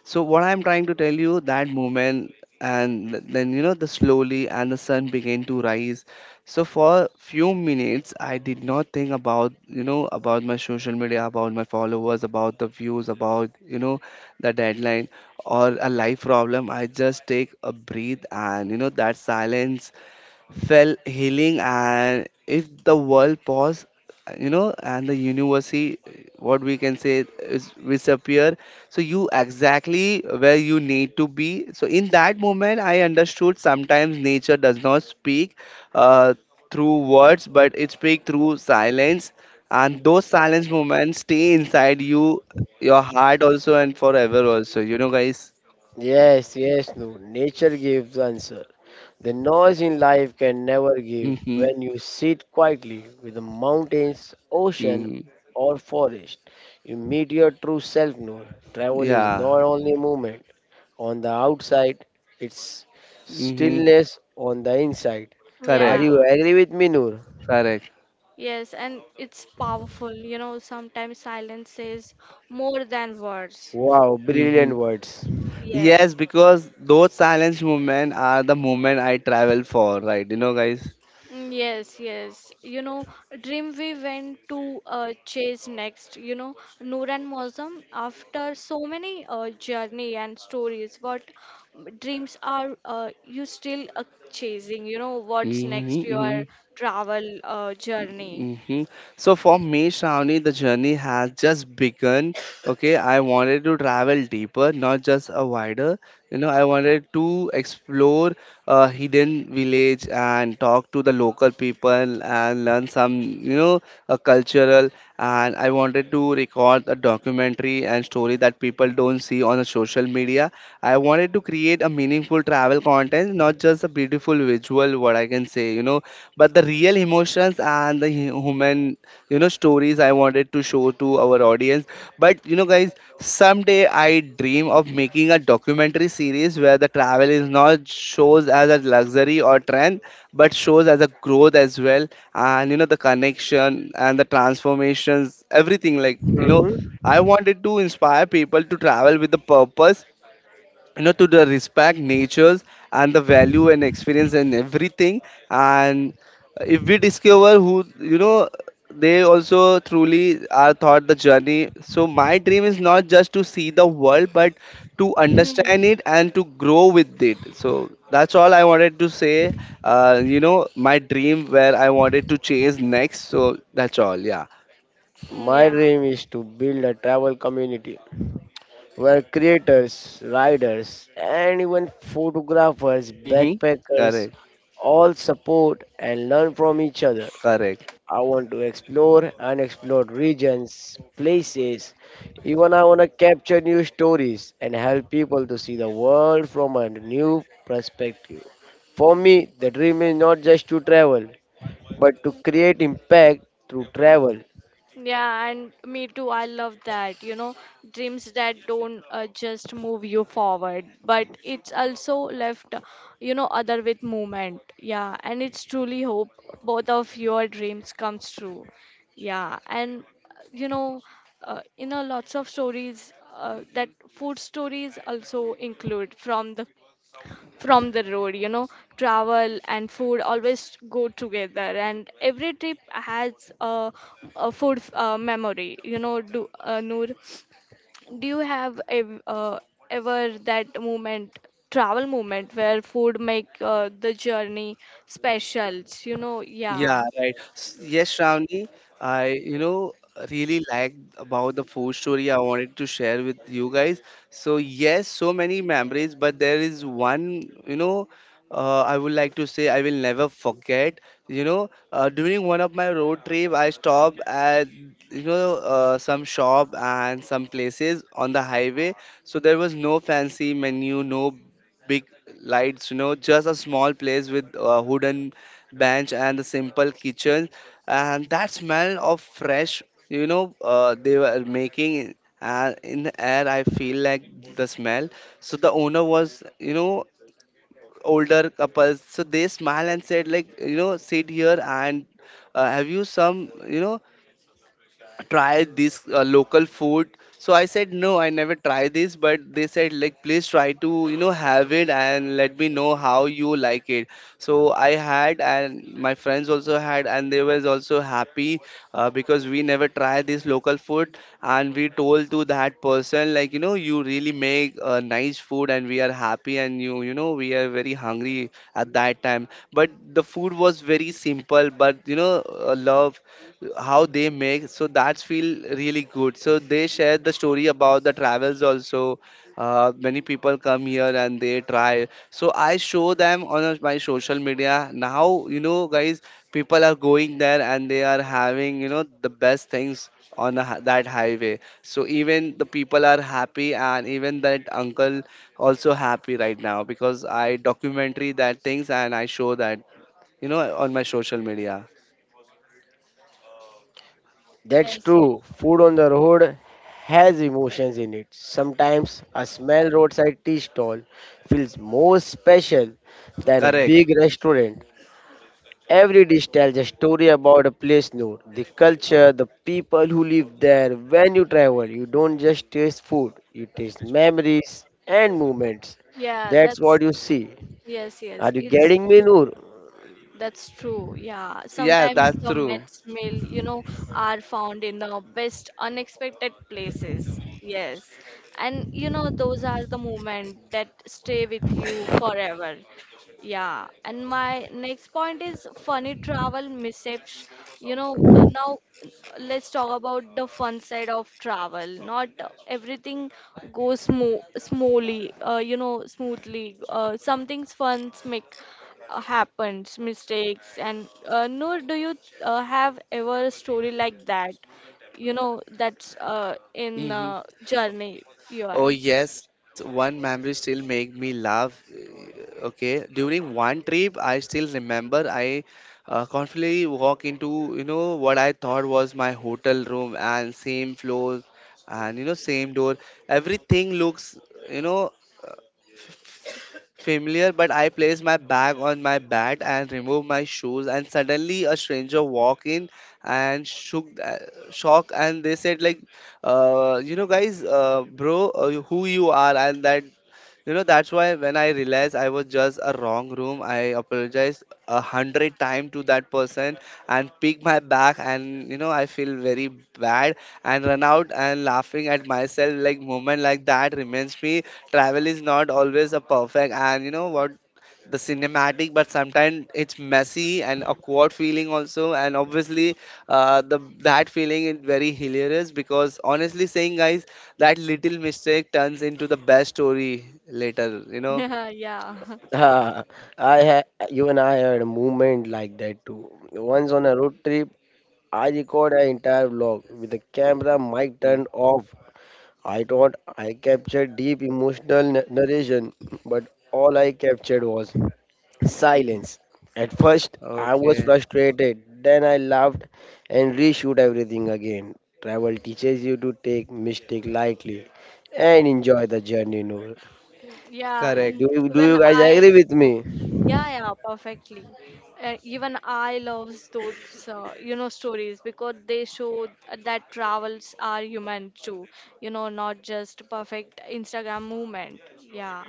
Speaker 1: So what I'm trying to tell you, that moment, and then you know, the slowly and the sun began to rise. So for few minutes, I did not think about, you know, about my social media, about my followers, about the views, about, you know, the deadline or a life problem. I just take a breath and that silence fell healing and if the world pause, and the university what we can say is disappear. So you exactly where you need to be. So in that moment I understood sometimes nature does not speak uh, through words, but it speaks through silence. And those silence moments stay inside you, your heart also and forever also, you know guys.
Speaker 2: Yes, yes, no. Nature gives answer. The noise in life can never give
Speaker 1: Mm-hmm,
Speaker 2: when you sit quietly with the mountains, ocean,
Speaker 1: mm-hmm.
Speaker 2: or forest. You meet your true self, Noor. Travel is
Speaker 1: Yeah.
Speaker 2: not only movement on the outside, it's
Speaker 1: Mm-hmm.
Speaker 2: stillness on the inside. Are
Speaker 1: Correct.
Speaker 3: Yeah,
Speaker 2: you agree with me, Noor?
Speaker 1: Correct.
Speaker 3: yes, and it's powerful. You know, sometimes silence says more than words.
Speaker 2: Wow,
Speaker 1: Hmm.
Speaker 2: brilliant words.
Speaker 1: Yes,
Speaker 3: Yes.
Speaker 1: because those silence movement are the movement I travel for, right? You know, guys.
Speaker 3: Mm, yes, yes. You know, dream we went to chase next. You know, Noor and Mosam, after so many journey and stories, what dreams are you still chasing? You know, what's
Speaker 1: Hmm.
Speaker 3: next
Speaker 1: Hmm.
Speaker 3: your travel journey?
Speaker 1: Hmm. So for me, Shravani, the journey has just begun. Okay, I wanted to travel deeper, not just a wider. You know, I wanted to explore a hidden village and talk to the local people and learn some, you know, a cultural. And I wanted to record a documentary and story that people don't see on the social media. I wanted to create a meaningful travel content, not just a beautiful visual, what I can say, you know, but the real emotions and the human, you know, stories I wanted to show to our audience. But you know guys, someday I dream of making a documentary series where the travel is not shows as a luxury or trend, but shows as a growth as well. And you know, the connection and the transformations everything, like you
Speaker 2: hmm
Speaker 1: know, I wanted to inspire people to travel with the purpose, you know, to the respect natures and the value and experience and everything. And if we discover who, you know, they also truly are thought the journey. So my dream is not just to see the world, but to understand
Speaker 3: Hmm.
Speaker 1: it and to grow with it. So that's all I wanted to say. You know, my dream where I wanted to chase next, so that's all, yeah.
Speaker 3: Mm,
Speaker 2: My
Speaker 3: yeah.
Speaker 2: dream is to build a travel community where creators, riders, and even photographers,
Speaker 1: Mm-hmm.
Speaker 2: backpackers
Speaker 1: Correct.
Speaker 2: all support and learn from each other.
Speaker 1: Correct.
Speaker 2: I want to explore unexplored regions, places. Even I want to capture new stories and help people to see the world from a new perspective. For me, the dream is not just to travel, but to create impact through travel.
Speaker 3: Yeah, and me too. I love that. You know, dreams that don't just move you forward, but it's also left, you know, other with movement. Yeah, and it's truly hope both of your dreams comes true. Yeah, and uh, you know, you know, lots of stories that food stories also include from the road you know travel and food always go together and every trip has a food memory you know do Noor do you have ever that moment travel moment where food make the journey special you know
Speaker 1: Yeah,
Speaker 3: yeah
Speaker 1: right. Yes, Shravani, I, you know, really liked about the food story I wanted to share with you guys. So, yes, so many memories, but there is one, you know, I would like to say I will never forget. You know, during one of my road trip, I stopped at, you know, some shop and some places on the highway. So there was no fancy menu, no big lights, you know, just a small place with wooden bench and the simple kitchen and that smell of fresh, you know, they were making in the air. I feel like the smell. So the owner was, you know, older couples, so they smile and said, like, you know, sit here and have you some, you know, try this local food. So I said no, I never try this, but they said like, please try to, you know, have it and let me know how you like it. So I had and my friends also had, and they was also happy, because we never try this local food. And we told to that person like, you know, you really make a nice food and we are happy. And you know, we are very hungry at that time, but the food was very simple. But you know, love how they make, so that's feel really good. So they share the story about the travels also. Many people come here and they try, so I show them on my social media. Now you know guys, people are going there and they are having, you know, the best things on a, that highway. So even the people are happy, and even that uncle also happy right now, because I documentary that things and I show that, you know, on my social media.
Speaker 2: That's
Speaker 3: yes yes
Speaker 2: true. Food on the road has emotions in it. Sometimes a small roadside tea stall feels more special than a
Speaker 1: Correct.
Speaker 2: big restaurant. Every dish tells a story about a place known, the culture, the people who live there. When you travel, you don't just taste food, you taste memories and moments.
Speaker 3: yeah
Speaker 2: That's
Speaker 3: that's
Speaker 2: what you see.
Speaker 3: yes
Speaker 2: Are
Speaker 3: yes
Speaker 2: you
Speaker 3: it's.
Speaker 2: getting me, Noor? (laughs)
Speaker 3: That's true. Yeah.
Speaker 1: Yeah,
Speaker 3: Sometimes
Speaker 1: that's
Speaker 3: the
Speaker 1: true.
Speaker 3: Mets meal, you know, are found in the best unexpected places. Yes. And you know, those are the moments that stay with you forever. Yeah. And my next point is funny travel mishaps. You know, now let's talk about the fun side of travel. Not everything goes smoothly. Some things fun make happens, mistakes, and Noor, do you have ever a story like that? You know, that's in
Speaker 1: Hmm.
Speaker 3: journey you are.
Speaker 1: Oh yes, one memory still make me laugh. Okay, during one trip, I still remember I confidently walk into, you know, what I thought was my hotel room, and same floors and you know, same door. Everything looks, you know, familiar, but I place my bag on my bat and remove my shoes. And suddenly, a stranger walk in and shock, and they said like, you know, guys, bro, who you are, and that, you know, that's why when I realized I was just a wrong room, I apologized a hundred times to that person and picked my back, and you know, I feel very bad and run out and laughing at myself. Like moment like that reminds me travel is not always a perfect, and you know what, the cinematic, but sometimes it's messy and awkward feeling also. And obviously the that feeling is very hilarious, because honestly saying guys, that little mistake turns into the best story later, you know?
Speaker 3: Yeah, yeah. (laughs)
Speaker 2: Ah, I ha- you and I had a moment like that too. Once on a road trip, I record an entire vlog with the camera mic
Speaker 1: Mm.
Speaker 2: turned off. I thought I captured deep emotional narration, but all I captured was
Speaker 1: Mhm.
Speaker 2: silence. At first, I was
Speaker 1: Okay.
Speaker 2: frustrated, then I laughed and reshoot everything again. Travel teaches you to take mistake lightly and enjoy the journey, Noor.
Speaker 3: Mm, yeah, and
Speaker 1: Correct.
Speaker 2: Do you, do
Speaker 3: even
Speaker 2: you guys
Speaker 3: I
Speaker 2: agree with me?
Speaker 3: so yeah, yeah, perfectly. Even I love those, you know, stories because they show that travels are human too. You know, not just perfect Instagram movement. Yeah,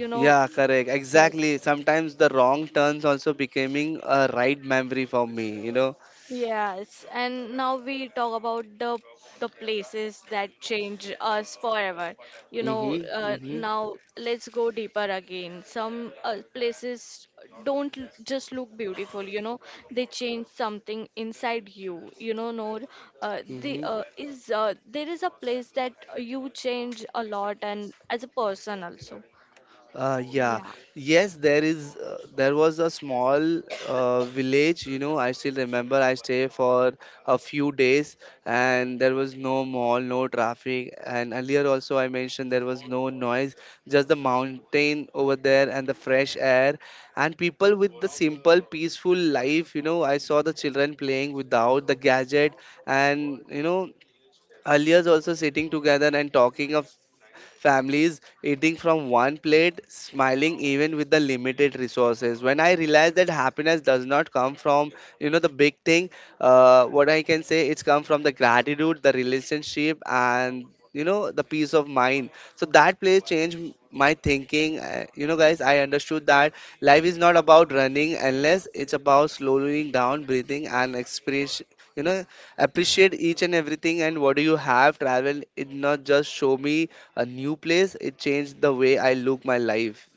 Speaker 3: you know,
Speaker 1: Yeah, correct.
Speaker 3: yes.
Speaker 1: Exactly. Sometimes the wrong turns also becoming a right memory for me, you know?
Speaker 3: Yes, and now we talk about the places that change us forever. You know,
Speaker 1: Mm-hmm. Mm-hmm.
Speaker 3: now let's go deeper again. Some places don't just look beautiful, you know, they change something inside you. You know, Noor,
Speaker 1: Mm-hmm.
Speaker 3: there is a place that you change a lot and as a person also.
Speaker 1: Yeah.
Speaker 3: Yeah.
Speaker 1: Yes, there is. There was a small village. You know, I still remember. I stayed for a few days, and there was no mall, no traffic. And earlier also, I mentioned there was no noise, just the mountain over there and the fresh air, and people with the simple, peaceful life. You know, I saw the children playing without the gadget, and you know, earlier also sitting together and talking of families eating from one plate, smiling even with the limited resources. When I realized that happiness does not come from, you know, the big thing, what I can say, it's come from the gratitude, the relationship, and you know, the peace of mind. So that place changed my thinking, you know guys, I understood that life is not about running unless it's about slowing down, breathing and expression, you know, appreciate each and everything and what do you have. Travel it not just show me a new place, it changed the way I look my life.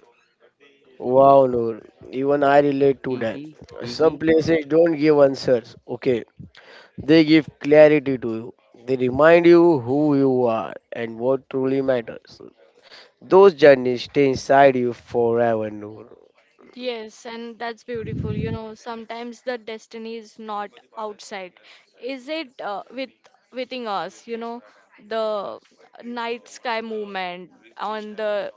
Speaker 2: Wow, Noor, even I relate to that.
Speaker 1: Mm-hmm, mm-hmm,
Speaker 2: Some places don't give answers, okay? They give clarity to you. They remind you who you are and what truly matters. Those journeys stay inside you forever, Noor.
Speaker 3: Yes, and that's beautiful. You know, sometimes the destiny is not outside. Is it within us, you know, the night sky movement on the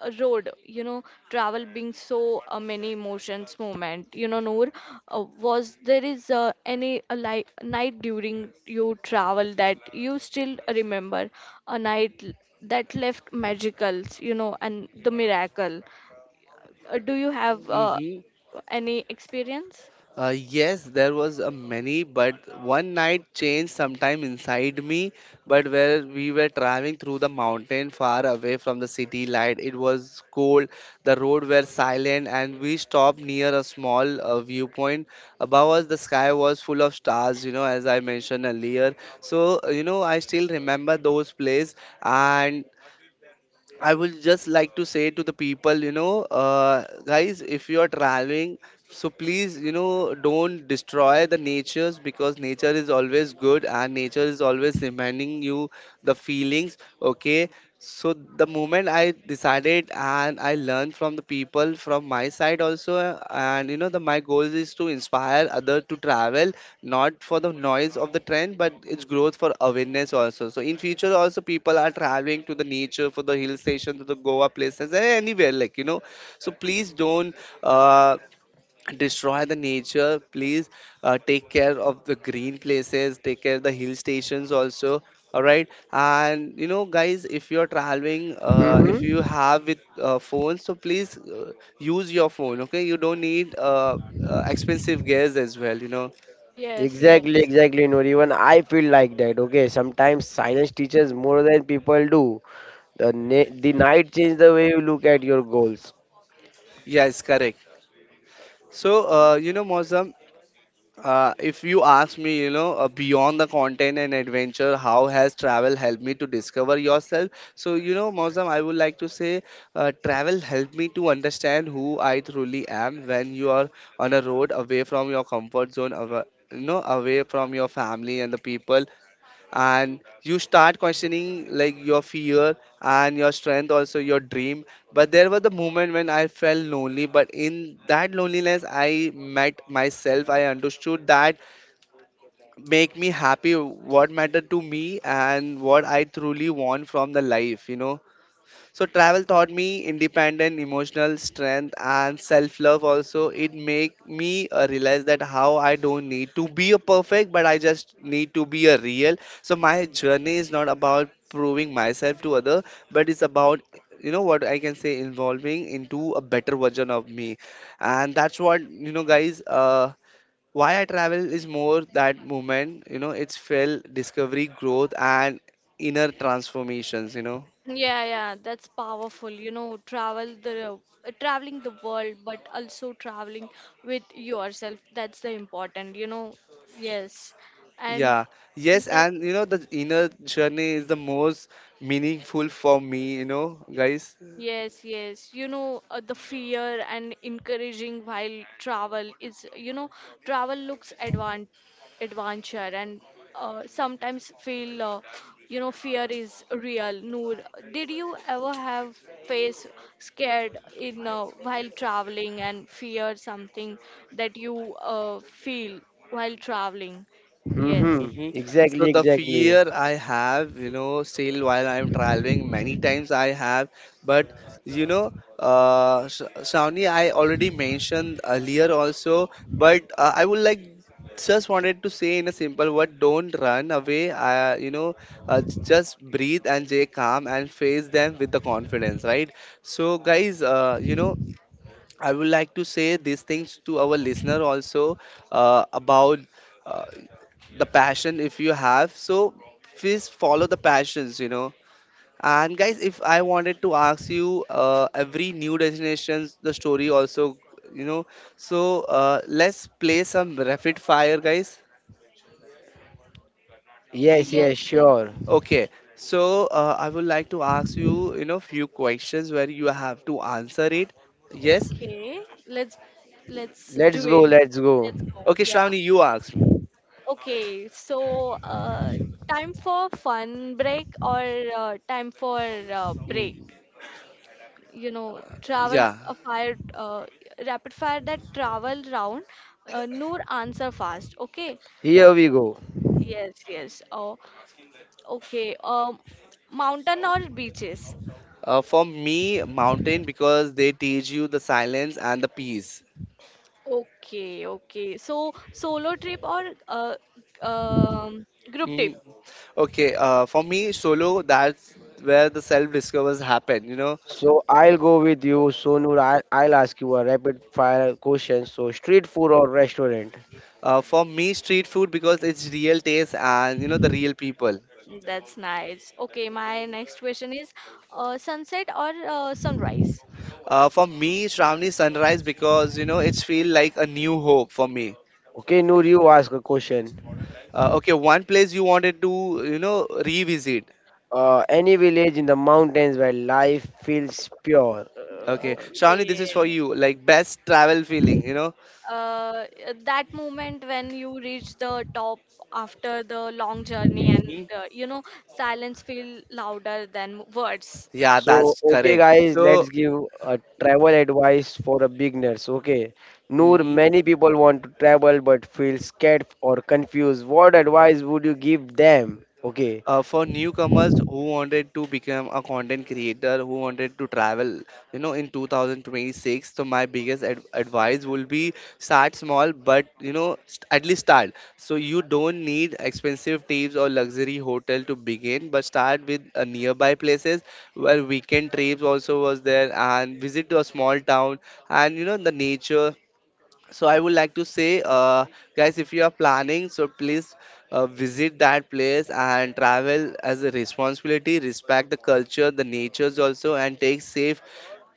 Speaker 3: road, you know, travel being so many emotions movement. You know, Noor, was there is any a like night during you travel that you still remember a that left magicals, you know, and the miracle? Do you have
Speaker 1: mm-hmm.
Speaker 3: any experience?
Speaker 1: Yes, there was a many, but one night changed sometime inside me. But where we were traveling through the mountain, far away from the city light, it was cold. The road were silent, and we stopped near a small viewpoint. Above us, the sky was full of stars. You know, as I mentioned earlier. So you know, I still remember those place, and I would just like to say to the people, you know, guys, if you are traveling, so please, you know, don't destroy the natures, because nature is always good and nature is always reminding you the feelings. Okay, so the moment I decided and I learned from the people from my side also, and you know, the my goal is to inspire other to travel, not for the noise of the trend, but it's growth for awareness also. So in future also, people are traveling to the nature, for the hill station, to the Goa places, and anywhere like you know. So please don't. Uh, Destroy the nature please. Take care of the green places, take care of the hill stations also, all right? And you know guys, if you're traveling, if you
Speaker 2: Mm-hmm.
Speaker 1: have with phones, so please use your phone. Okay, you don't need expensive gears as well, you know.
Speaker 3: Yes,
Speaker 2: Exactly,
Speaker 3: yes.
Speaker 2: exactly, Noor. Even I feel like that. Okay, sometimes silence teaches more than people do. The night changes the way you look at your goals.
Speaker 1: Yes, correct. So you know, Mozam, if you ask me, you know, beyond the content and adventure, how has travel helped me to discover yourself? So, you know, Mozam, I would like to say travel helped me to understand who I truly am. When you are on a road away from your comfort zone, you know, away from your family and the people, and you start questioning like your fear and your strength, also your dream. But there was the moment when I felt lonely, but in that loneliness I met myself. I understood that make me happy, what mattered to me and what I truly want from the life, you know. So travel taught me independent emotional strength and self-love also. It make me realize that how I don't need to be a perfect, but I just need to be a real. So my journey is not about proving myself to other, but it's about, you know, what I can say, involving into a better version of me. And that's what, you know guys, why I travel is more that moment, you know, it's felt discovery, growth and inner transformations, you know.
Speaker 3: Yeah, yeah, that's powerful. You know, traveling the world, but also traveling with yourself. That's the important, you know. Yes. And
Speaker 1: Yeah, yes,
Speaker 3: that
Speaker 1: and you know, the inner journey is the most meaningful for me, you know, guys.
Speaker 3: yes, yes. You know, the fear and encouraging while travel is, you know, travel looks advan adventure and sometimes feel, you know, fear is real. Noor, did you ever have face scared in while traveling and fear something that you feel while traveling? Yes.
Speaker 2: Mm-hmm.
Speaker 1: hmm
Speaker 2: Exactly,
Speaker 1: So, the
Speaker 2: exactly.
Speaker 1: fear I have, you know, still while I'm traveling, many times I have, but you know, Shawnee, I already mentioned earlier also, but I would like just wanted to say in a simple word, don't run away, just breathe and stay calm and face them with the confidence, right? So guys, I would like to say these things to our listener also, about uh, the passion if you have. So please follow the passions, you know. And guys, if I wanted to ask you, every new destinations, the story also, you know. So let's play some rapid fire, guys.
Speaker 2: Yes,
Speaker 3: Yes,
Speaker 1: Mhm.
Speaker 2: yes,
Speaker 3: yes.
Speaker 2: sure.
Speaker 1: Okay, so I would like to ask you, you know, few questions where you have to answer it. Yes.
Speaker 3: Okay. Let's let's do
Speaker 2: Let's go,
Speaker 3: it.
Speaker 2: let's go.
Speaker 3: Let's go.
Speaker 1: Okay,
Speaker 3: Yeah.
Speaker 1: Shravani, you ask me.
Speaker 3: Okay, so time for fun break or time for break?
Speaker 1: Mm,
Speaker 3: You know, travel f-
Speaker 1: yeah.
Speaker 3: a fire rapid fire that travel round. Noor, answer fast. Okay.
Speaker 2: Here we go.
Speaker 3: Yes, yes. Oh, okay. Mountain or beaches?
Speaker 1: For me, mountain, because they teach you the silence and the peace.
Speaker 3: Okay, okay. So solo trip or um, group trip?
Speaker 1: Mm, Okay, for me, solo, that's where the self discovers happen, you know.
Speaker 2: So I'll go with you, Sonur. I'll ask you a rapid fire question. So street food or restaurant?
Speaker 1: For me, street food, because it's real taste and, you know, the real people.
Speaker 3: That's nice. Okay, my next question is sunset or sunrise?
Speaker 1: For me, Shravani, sunrise, because, you know, it's feel like a new hope for me.
Speaker 2: Okay, Noor, you ask a question.
Speaker 1: Okay, one place you wanted to, you know, revisit.
Speaker 2: Any village in the mountains where life feels pure.
Speaker 1: Okay, Shravani, this is for
Speaker 3: Okay.
Speaker 1: you, like best travel feeling, you know.
Speaker 3: Uh, that moment when you reach the top after the long journey and
Speaker 1: Hmm.
Speaker 3: you know silence feel louder than words.
Speaker 1: Yeah,
Speaker 2: So
Speaker 1: that's
Speaker 2: okay,
Speaker 1: correct.
Speaker 2: guys,
Speaker 1: So,
Speaker 2: let's give a travel advice for the beginners. Okay, Noor,
Speaker 3: Oh,
Speaker 1: mhm.
Speaker 2: many people want to travel but feel scared or confused. What advice would you give them? Okay,
Speaker 1: For newcomers who wanted to become a content creator, who wanted to travel, you know, in 2026, so my biggest advice will be start small, but you know, at least start. So you don't need expensive trips or luxury hotel to begin, but start with nearby places where weekend trips also was there, and visit to a small town and, you know, the nature. So I would like to say, guys, if you are planning, so please visit that place and travel as a responsibility, respect the culture, the natures also, and take safe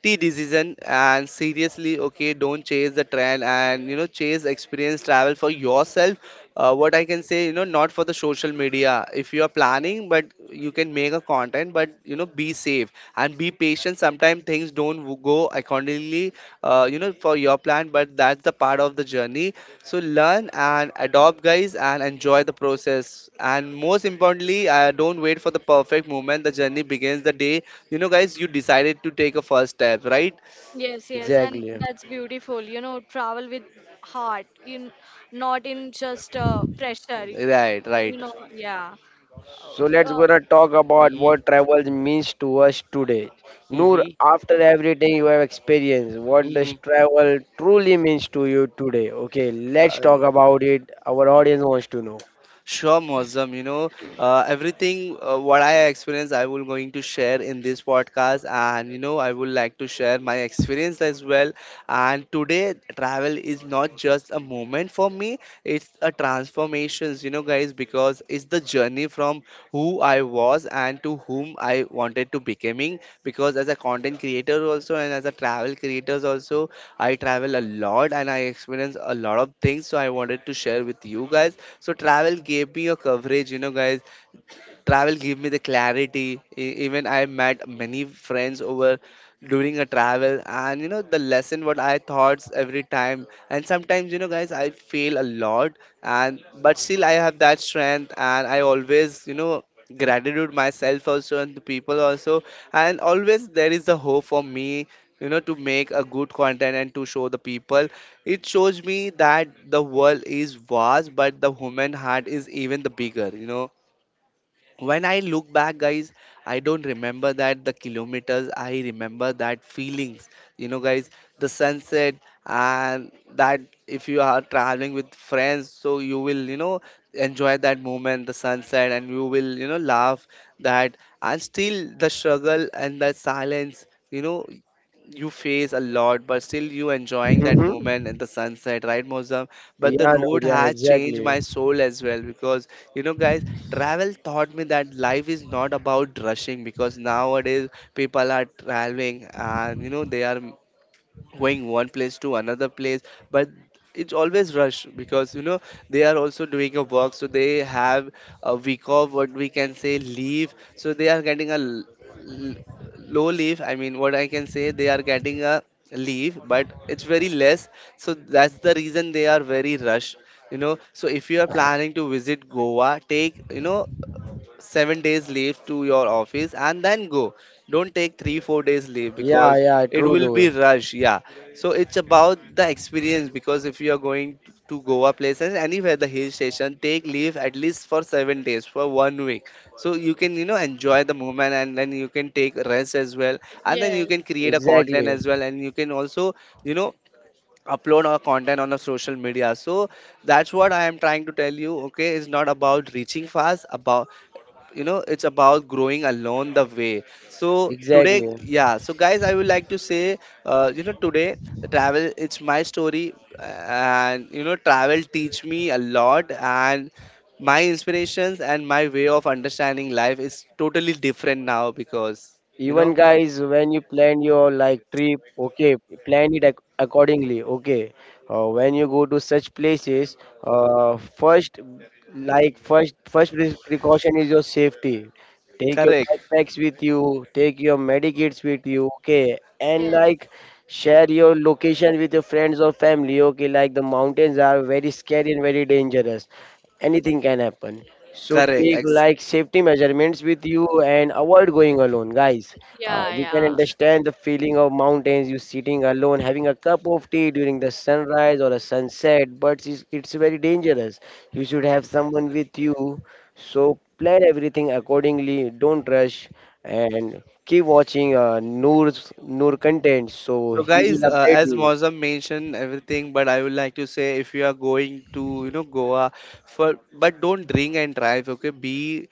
Speaker 1: tea decision and seriously. Okay, don't chase the trend, and you know, chase experience, travel for yourself. What I can say, you know, not for the social media, if you are planning, but you can make a content, but you know, be safe and be patient. Sometimes things don't go accordingly you know, for your plan, but that's the part of the journey. So learn and adopt, guys, and enjoy the process. And most importantly, don't wait for the perfect moment. The journey begins the day, you know, guys, you decided to take a first step, right?
Speaker 3: yes, yes, and
Speaker 2: exactly.
Speaker 3: that's beautiful. You know, travel with heart in not in just pressure.
Speaker 1: right
Speaker 3: You
Speaker 1: right
Speaker 3: know, yeah. Uh,
Speaker 2: So
Speaker 3: y-
Speaker 2: let's
Speaker 3: uh,
Speaker 2: gonna talk about
Speaker 1: hmm
Speaker 2: what travel means to us today.
Speaker 1: hmm
Speaker 2: Noor, after everything you have experienced, what does
Speaker 1: hmm
Speaker 2: travel truly means to you today? Okay, let's
Speaker 1: uh,
Speaker 2: talk about it. Our audience wants to know.
Speaker 1: Sure, Mozam. You know, everything what I experienced, I will going to share in this podcast, and you know, I would like to share my experience as well. And today, travel is not just a moment for me; it's a transformations. You know, guys, because it's the journey from who I was and to whom I wanted to becoming. Because as a content creator also, and as a travel creators also, I travel a lot and I experience a lot of things. So I wanted to share with you guys. So travel gave me a coverage, you know, guys, travel gave me the clarity. Even I met many friends over during a travel, and you know, the lesson what I thoughts every time. And sometimes, you know, guys, I fail a lot, and but still I have that strength, and I always, you know, gratitude myself also and the people also. And always there is a hope for me, you know, to make a good content and to show the people. It shows me that the world is vast, but the human heart is even the bigger, you know. When I look back, guys, I don't remember that the kilometers, I remember that feelings, you know, guys, the sunset, and that, if you are traveling with friends, so you will, you know, enjoy that moment, the sunset, and you will, you know, laugh that. And still the struggle and the silence, you know, you face a lot, but still you enjoying that
Speaker 2: Mm-hmm.
Speaker 1: moment and the sunset, right, Mozam? But the
Speaker 2: Yeah,
Speaker 1: road
Speaker 2: Noor. Yeah,
Speaker 1: has changed
Speaker 2: exactly.
Speaker 1: my soul as well, because you know, guys, travel taught me that life is not about rushing, because nowadays people are traveling, and you know, they are going one place to another place, but it's always rush, because you know, they are also doing a work, so they have a week off, what we can say, leave, so they are getting a l- low leave. I mean, what I can say, they are getting a leave, but it's very less, so that's the reason they are very rush, you know. So if you are planning to visit Goa, take, you know, 7 days leave to your office and then go. Don't take 3 4 days leave,
Speaker 2: Yeah,
Speaker 1: because
Speaker 2: yeah,
Speaker 1: it
Speaker 2: true,
Speaker 1: will be
Speaker 2: Noor.
Speaker 1: rush, yeah. So it's about the experience, because if you are going to Goa places, anywhere, the hill station, take leave at least for 7 days, for one week, so you can, you know, enjoy the moment, and then you can take rest as well, and then you
Speaker 3: yes,
Speaker 1: can create a content
Speaker 2: Exactly,
Speaker 1: as well, and you can also, you know, upload our content on a social media. So that's what I am trying to tell you. Okay, it's not about reaching fast, about, you know, it's about growing along the way. So today,
Speaker 2: exactly.
Speaker 1: yeah, so guys, I would like to say, today travel, it's my story, and you know, travel teach me a lot, and my inspirations and my way of understanding life is totally different now, because you
Speaker 2: Even
Speaker 1: know,
Speaker 2: guys, when you plan your like trip, okay, plan it accordingly. Okay, when you go to such places, first like first first precaution is your safety. Take your
Speaker 1: correct,
Speaker 2: backpacks with you, take your medikits with you, okay, and
Speaker 3: yes.
Speaker 2: like share your location with your friends or family. Okay, like the mountains are very scary and very dangerous. Anything can happen. So
Speaker 1: correct,
Speaker 2: take like safety measurements with you and avoid going alone, guys.
Speaker 3: Yeah,
Speaker 2: We can
Speaker 3: yeah.
Speaker 2: understand the feeling of mountains, you sitting alone, having a cup of tea during the sunrise or a sunset, but it's very dangerous. You should have someone with you. So plan everything accordingly. Don't rush and keep watching Noor's Noor content. So
Speaker 1: so
Speaker 2: he
Speaker 1: guys,
Speaker 2: will update
Speaker 1: as
Speaker 2: you.
Speaker 1: Mozam mentioned everything, but I would like to say, if you are going to, you know, Goa, for, but don't drink and drive, okay? Be,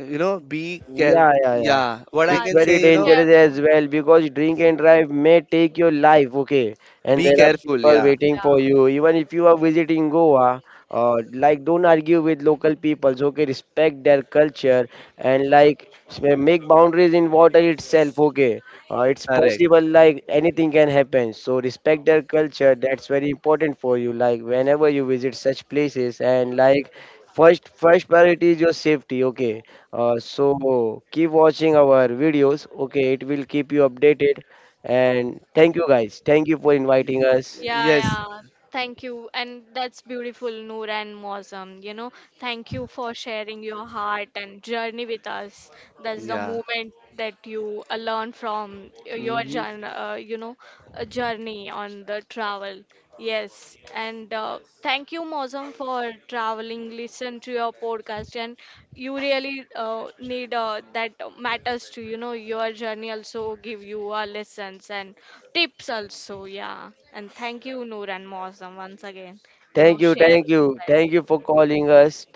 Speaker 1: you know, be care.
Speaker 2: Yeah, yeah, yeah.
Speaker 1: Yeah, what I
Speaker 2: It's
Speaker 3: Yeah,
Speaker 1: can
Speaker 3: that's
Speaker 2: very
Speaker 1: say, you know,
Speaker 2: dangerous
Speaker 3: careful.
Speaker 2: as well because drink and drive may take your life, okay? And
Speaker 1: be
Speaker 2: there are
Speaker 1: careful.
Speaker 2: people
Speaker 1: Yeah,
Speaker 2: waiting for you. Even if you are visiting Goa, like don't argue with local peoples, okay? Respect their culture and like make boundaries in water itself, okay? It's
Speaker 1: correct.
Speaker 2: possible, like anything can happen. So respect their culture. That's very important for you. Like whenever you visit such places and like first priority is your safety, okay? So keep watching our videos. Okay, it will keep you updated. And thank you guys. Thank you for inviting us.
Speaker 3: Yeah,
Speaker 1: Yes.
Speaker 3: yeah, yeah. Thank you. And that's beautiful, Noor and Mosam. You know, thank you for sharing your heart and journey with us. That's the
Speaker 1: Yeah.
Speaker 3: moment that you learn from your
Speaker 1: Hmm.
Speaker 3: journey, journey on the travel. Yes. And thank you, Mosam, for traveling. Listen to your podcast and you really need that matters to you know your journey also give you lessons and tips also yeah and thank you Noor and Mosam once again you
Speaker 2: Thank
Speaker 3: know
Speaker 2: you, thank
Speaker 3: sharing
Speaker 2: you,
Speaker 3: that
Speaker 2: thank you for calling us.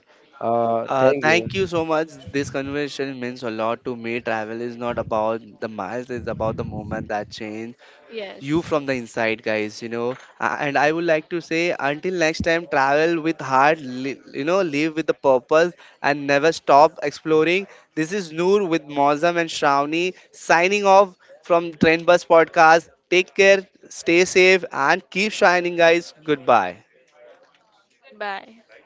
Speaker 2: Thank you.
Speaker 1: Thank you so much. This conversation means a lot to me. Travel is not about the miles; it's about the moment that change you
Speaker 3: yes
Speaker 1: from the inside, guys. You know, and I would like to say, until next time, travel with heart, you know, live with the purpose, and never stop exploring. This is Noor with Mozam and Shravani, signing off from Trend Bus Podcast. Take care, stay safe, and keep shining, guys. Goodbye.
Speaker 3: goodbye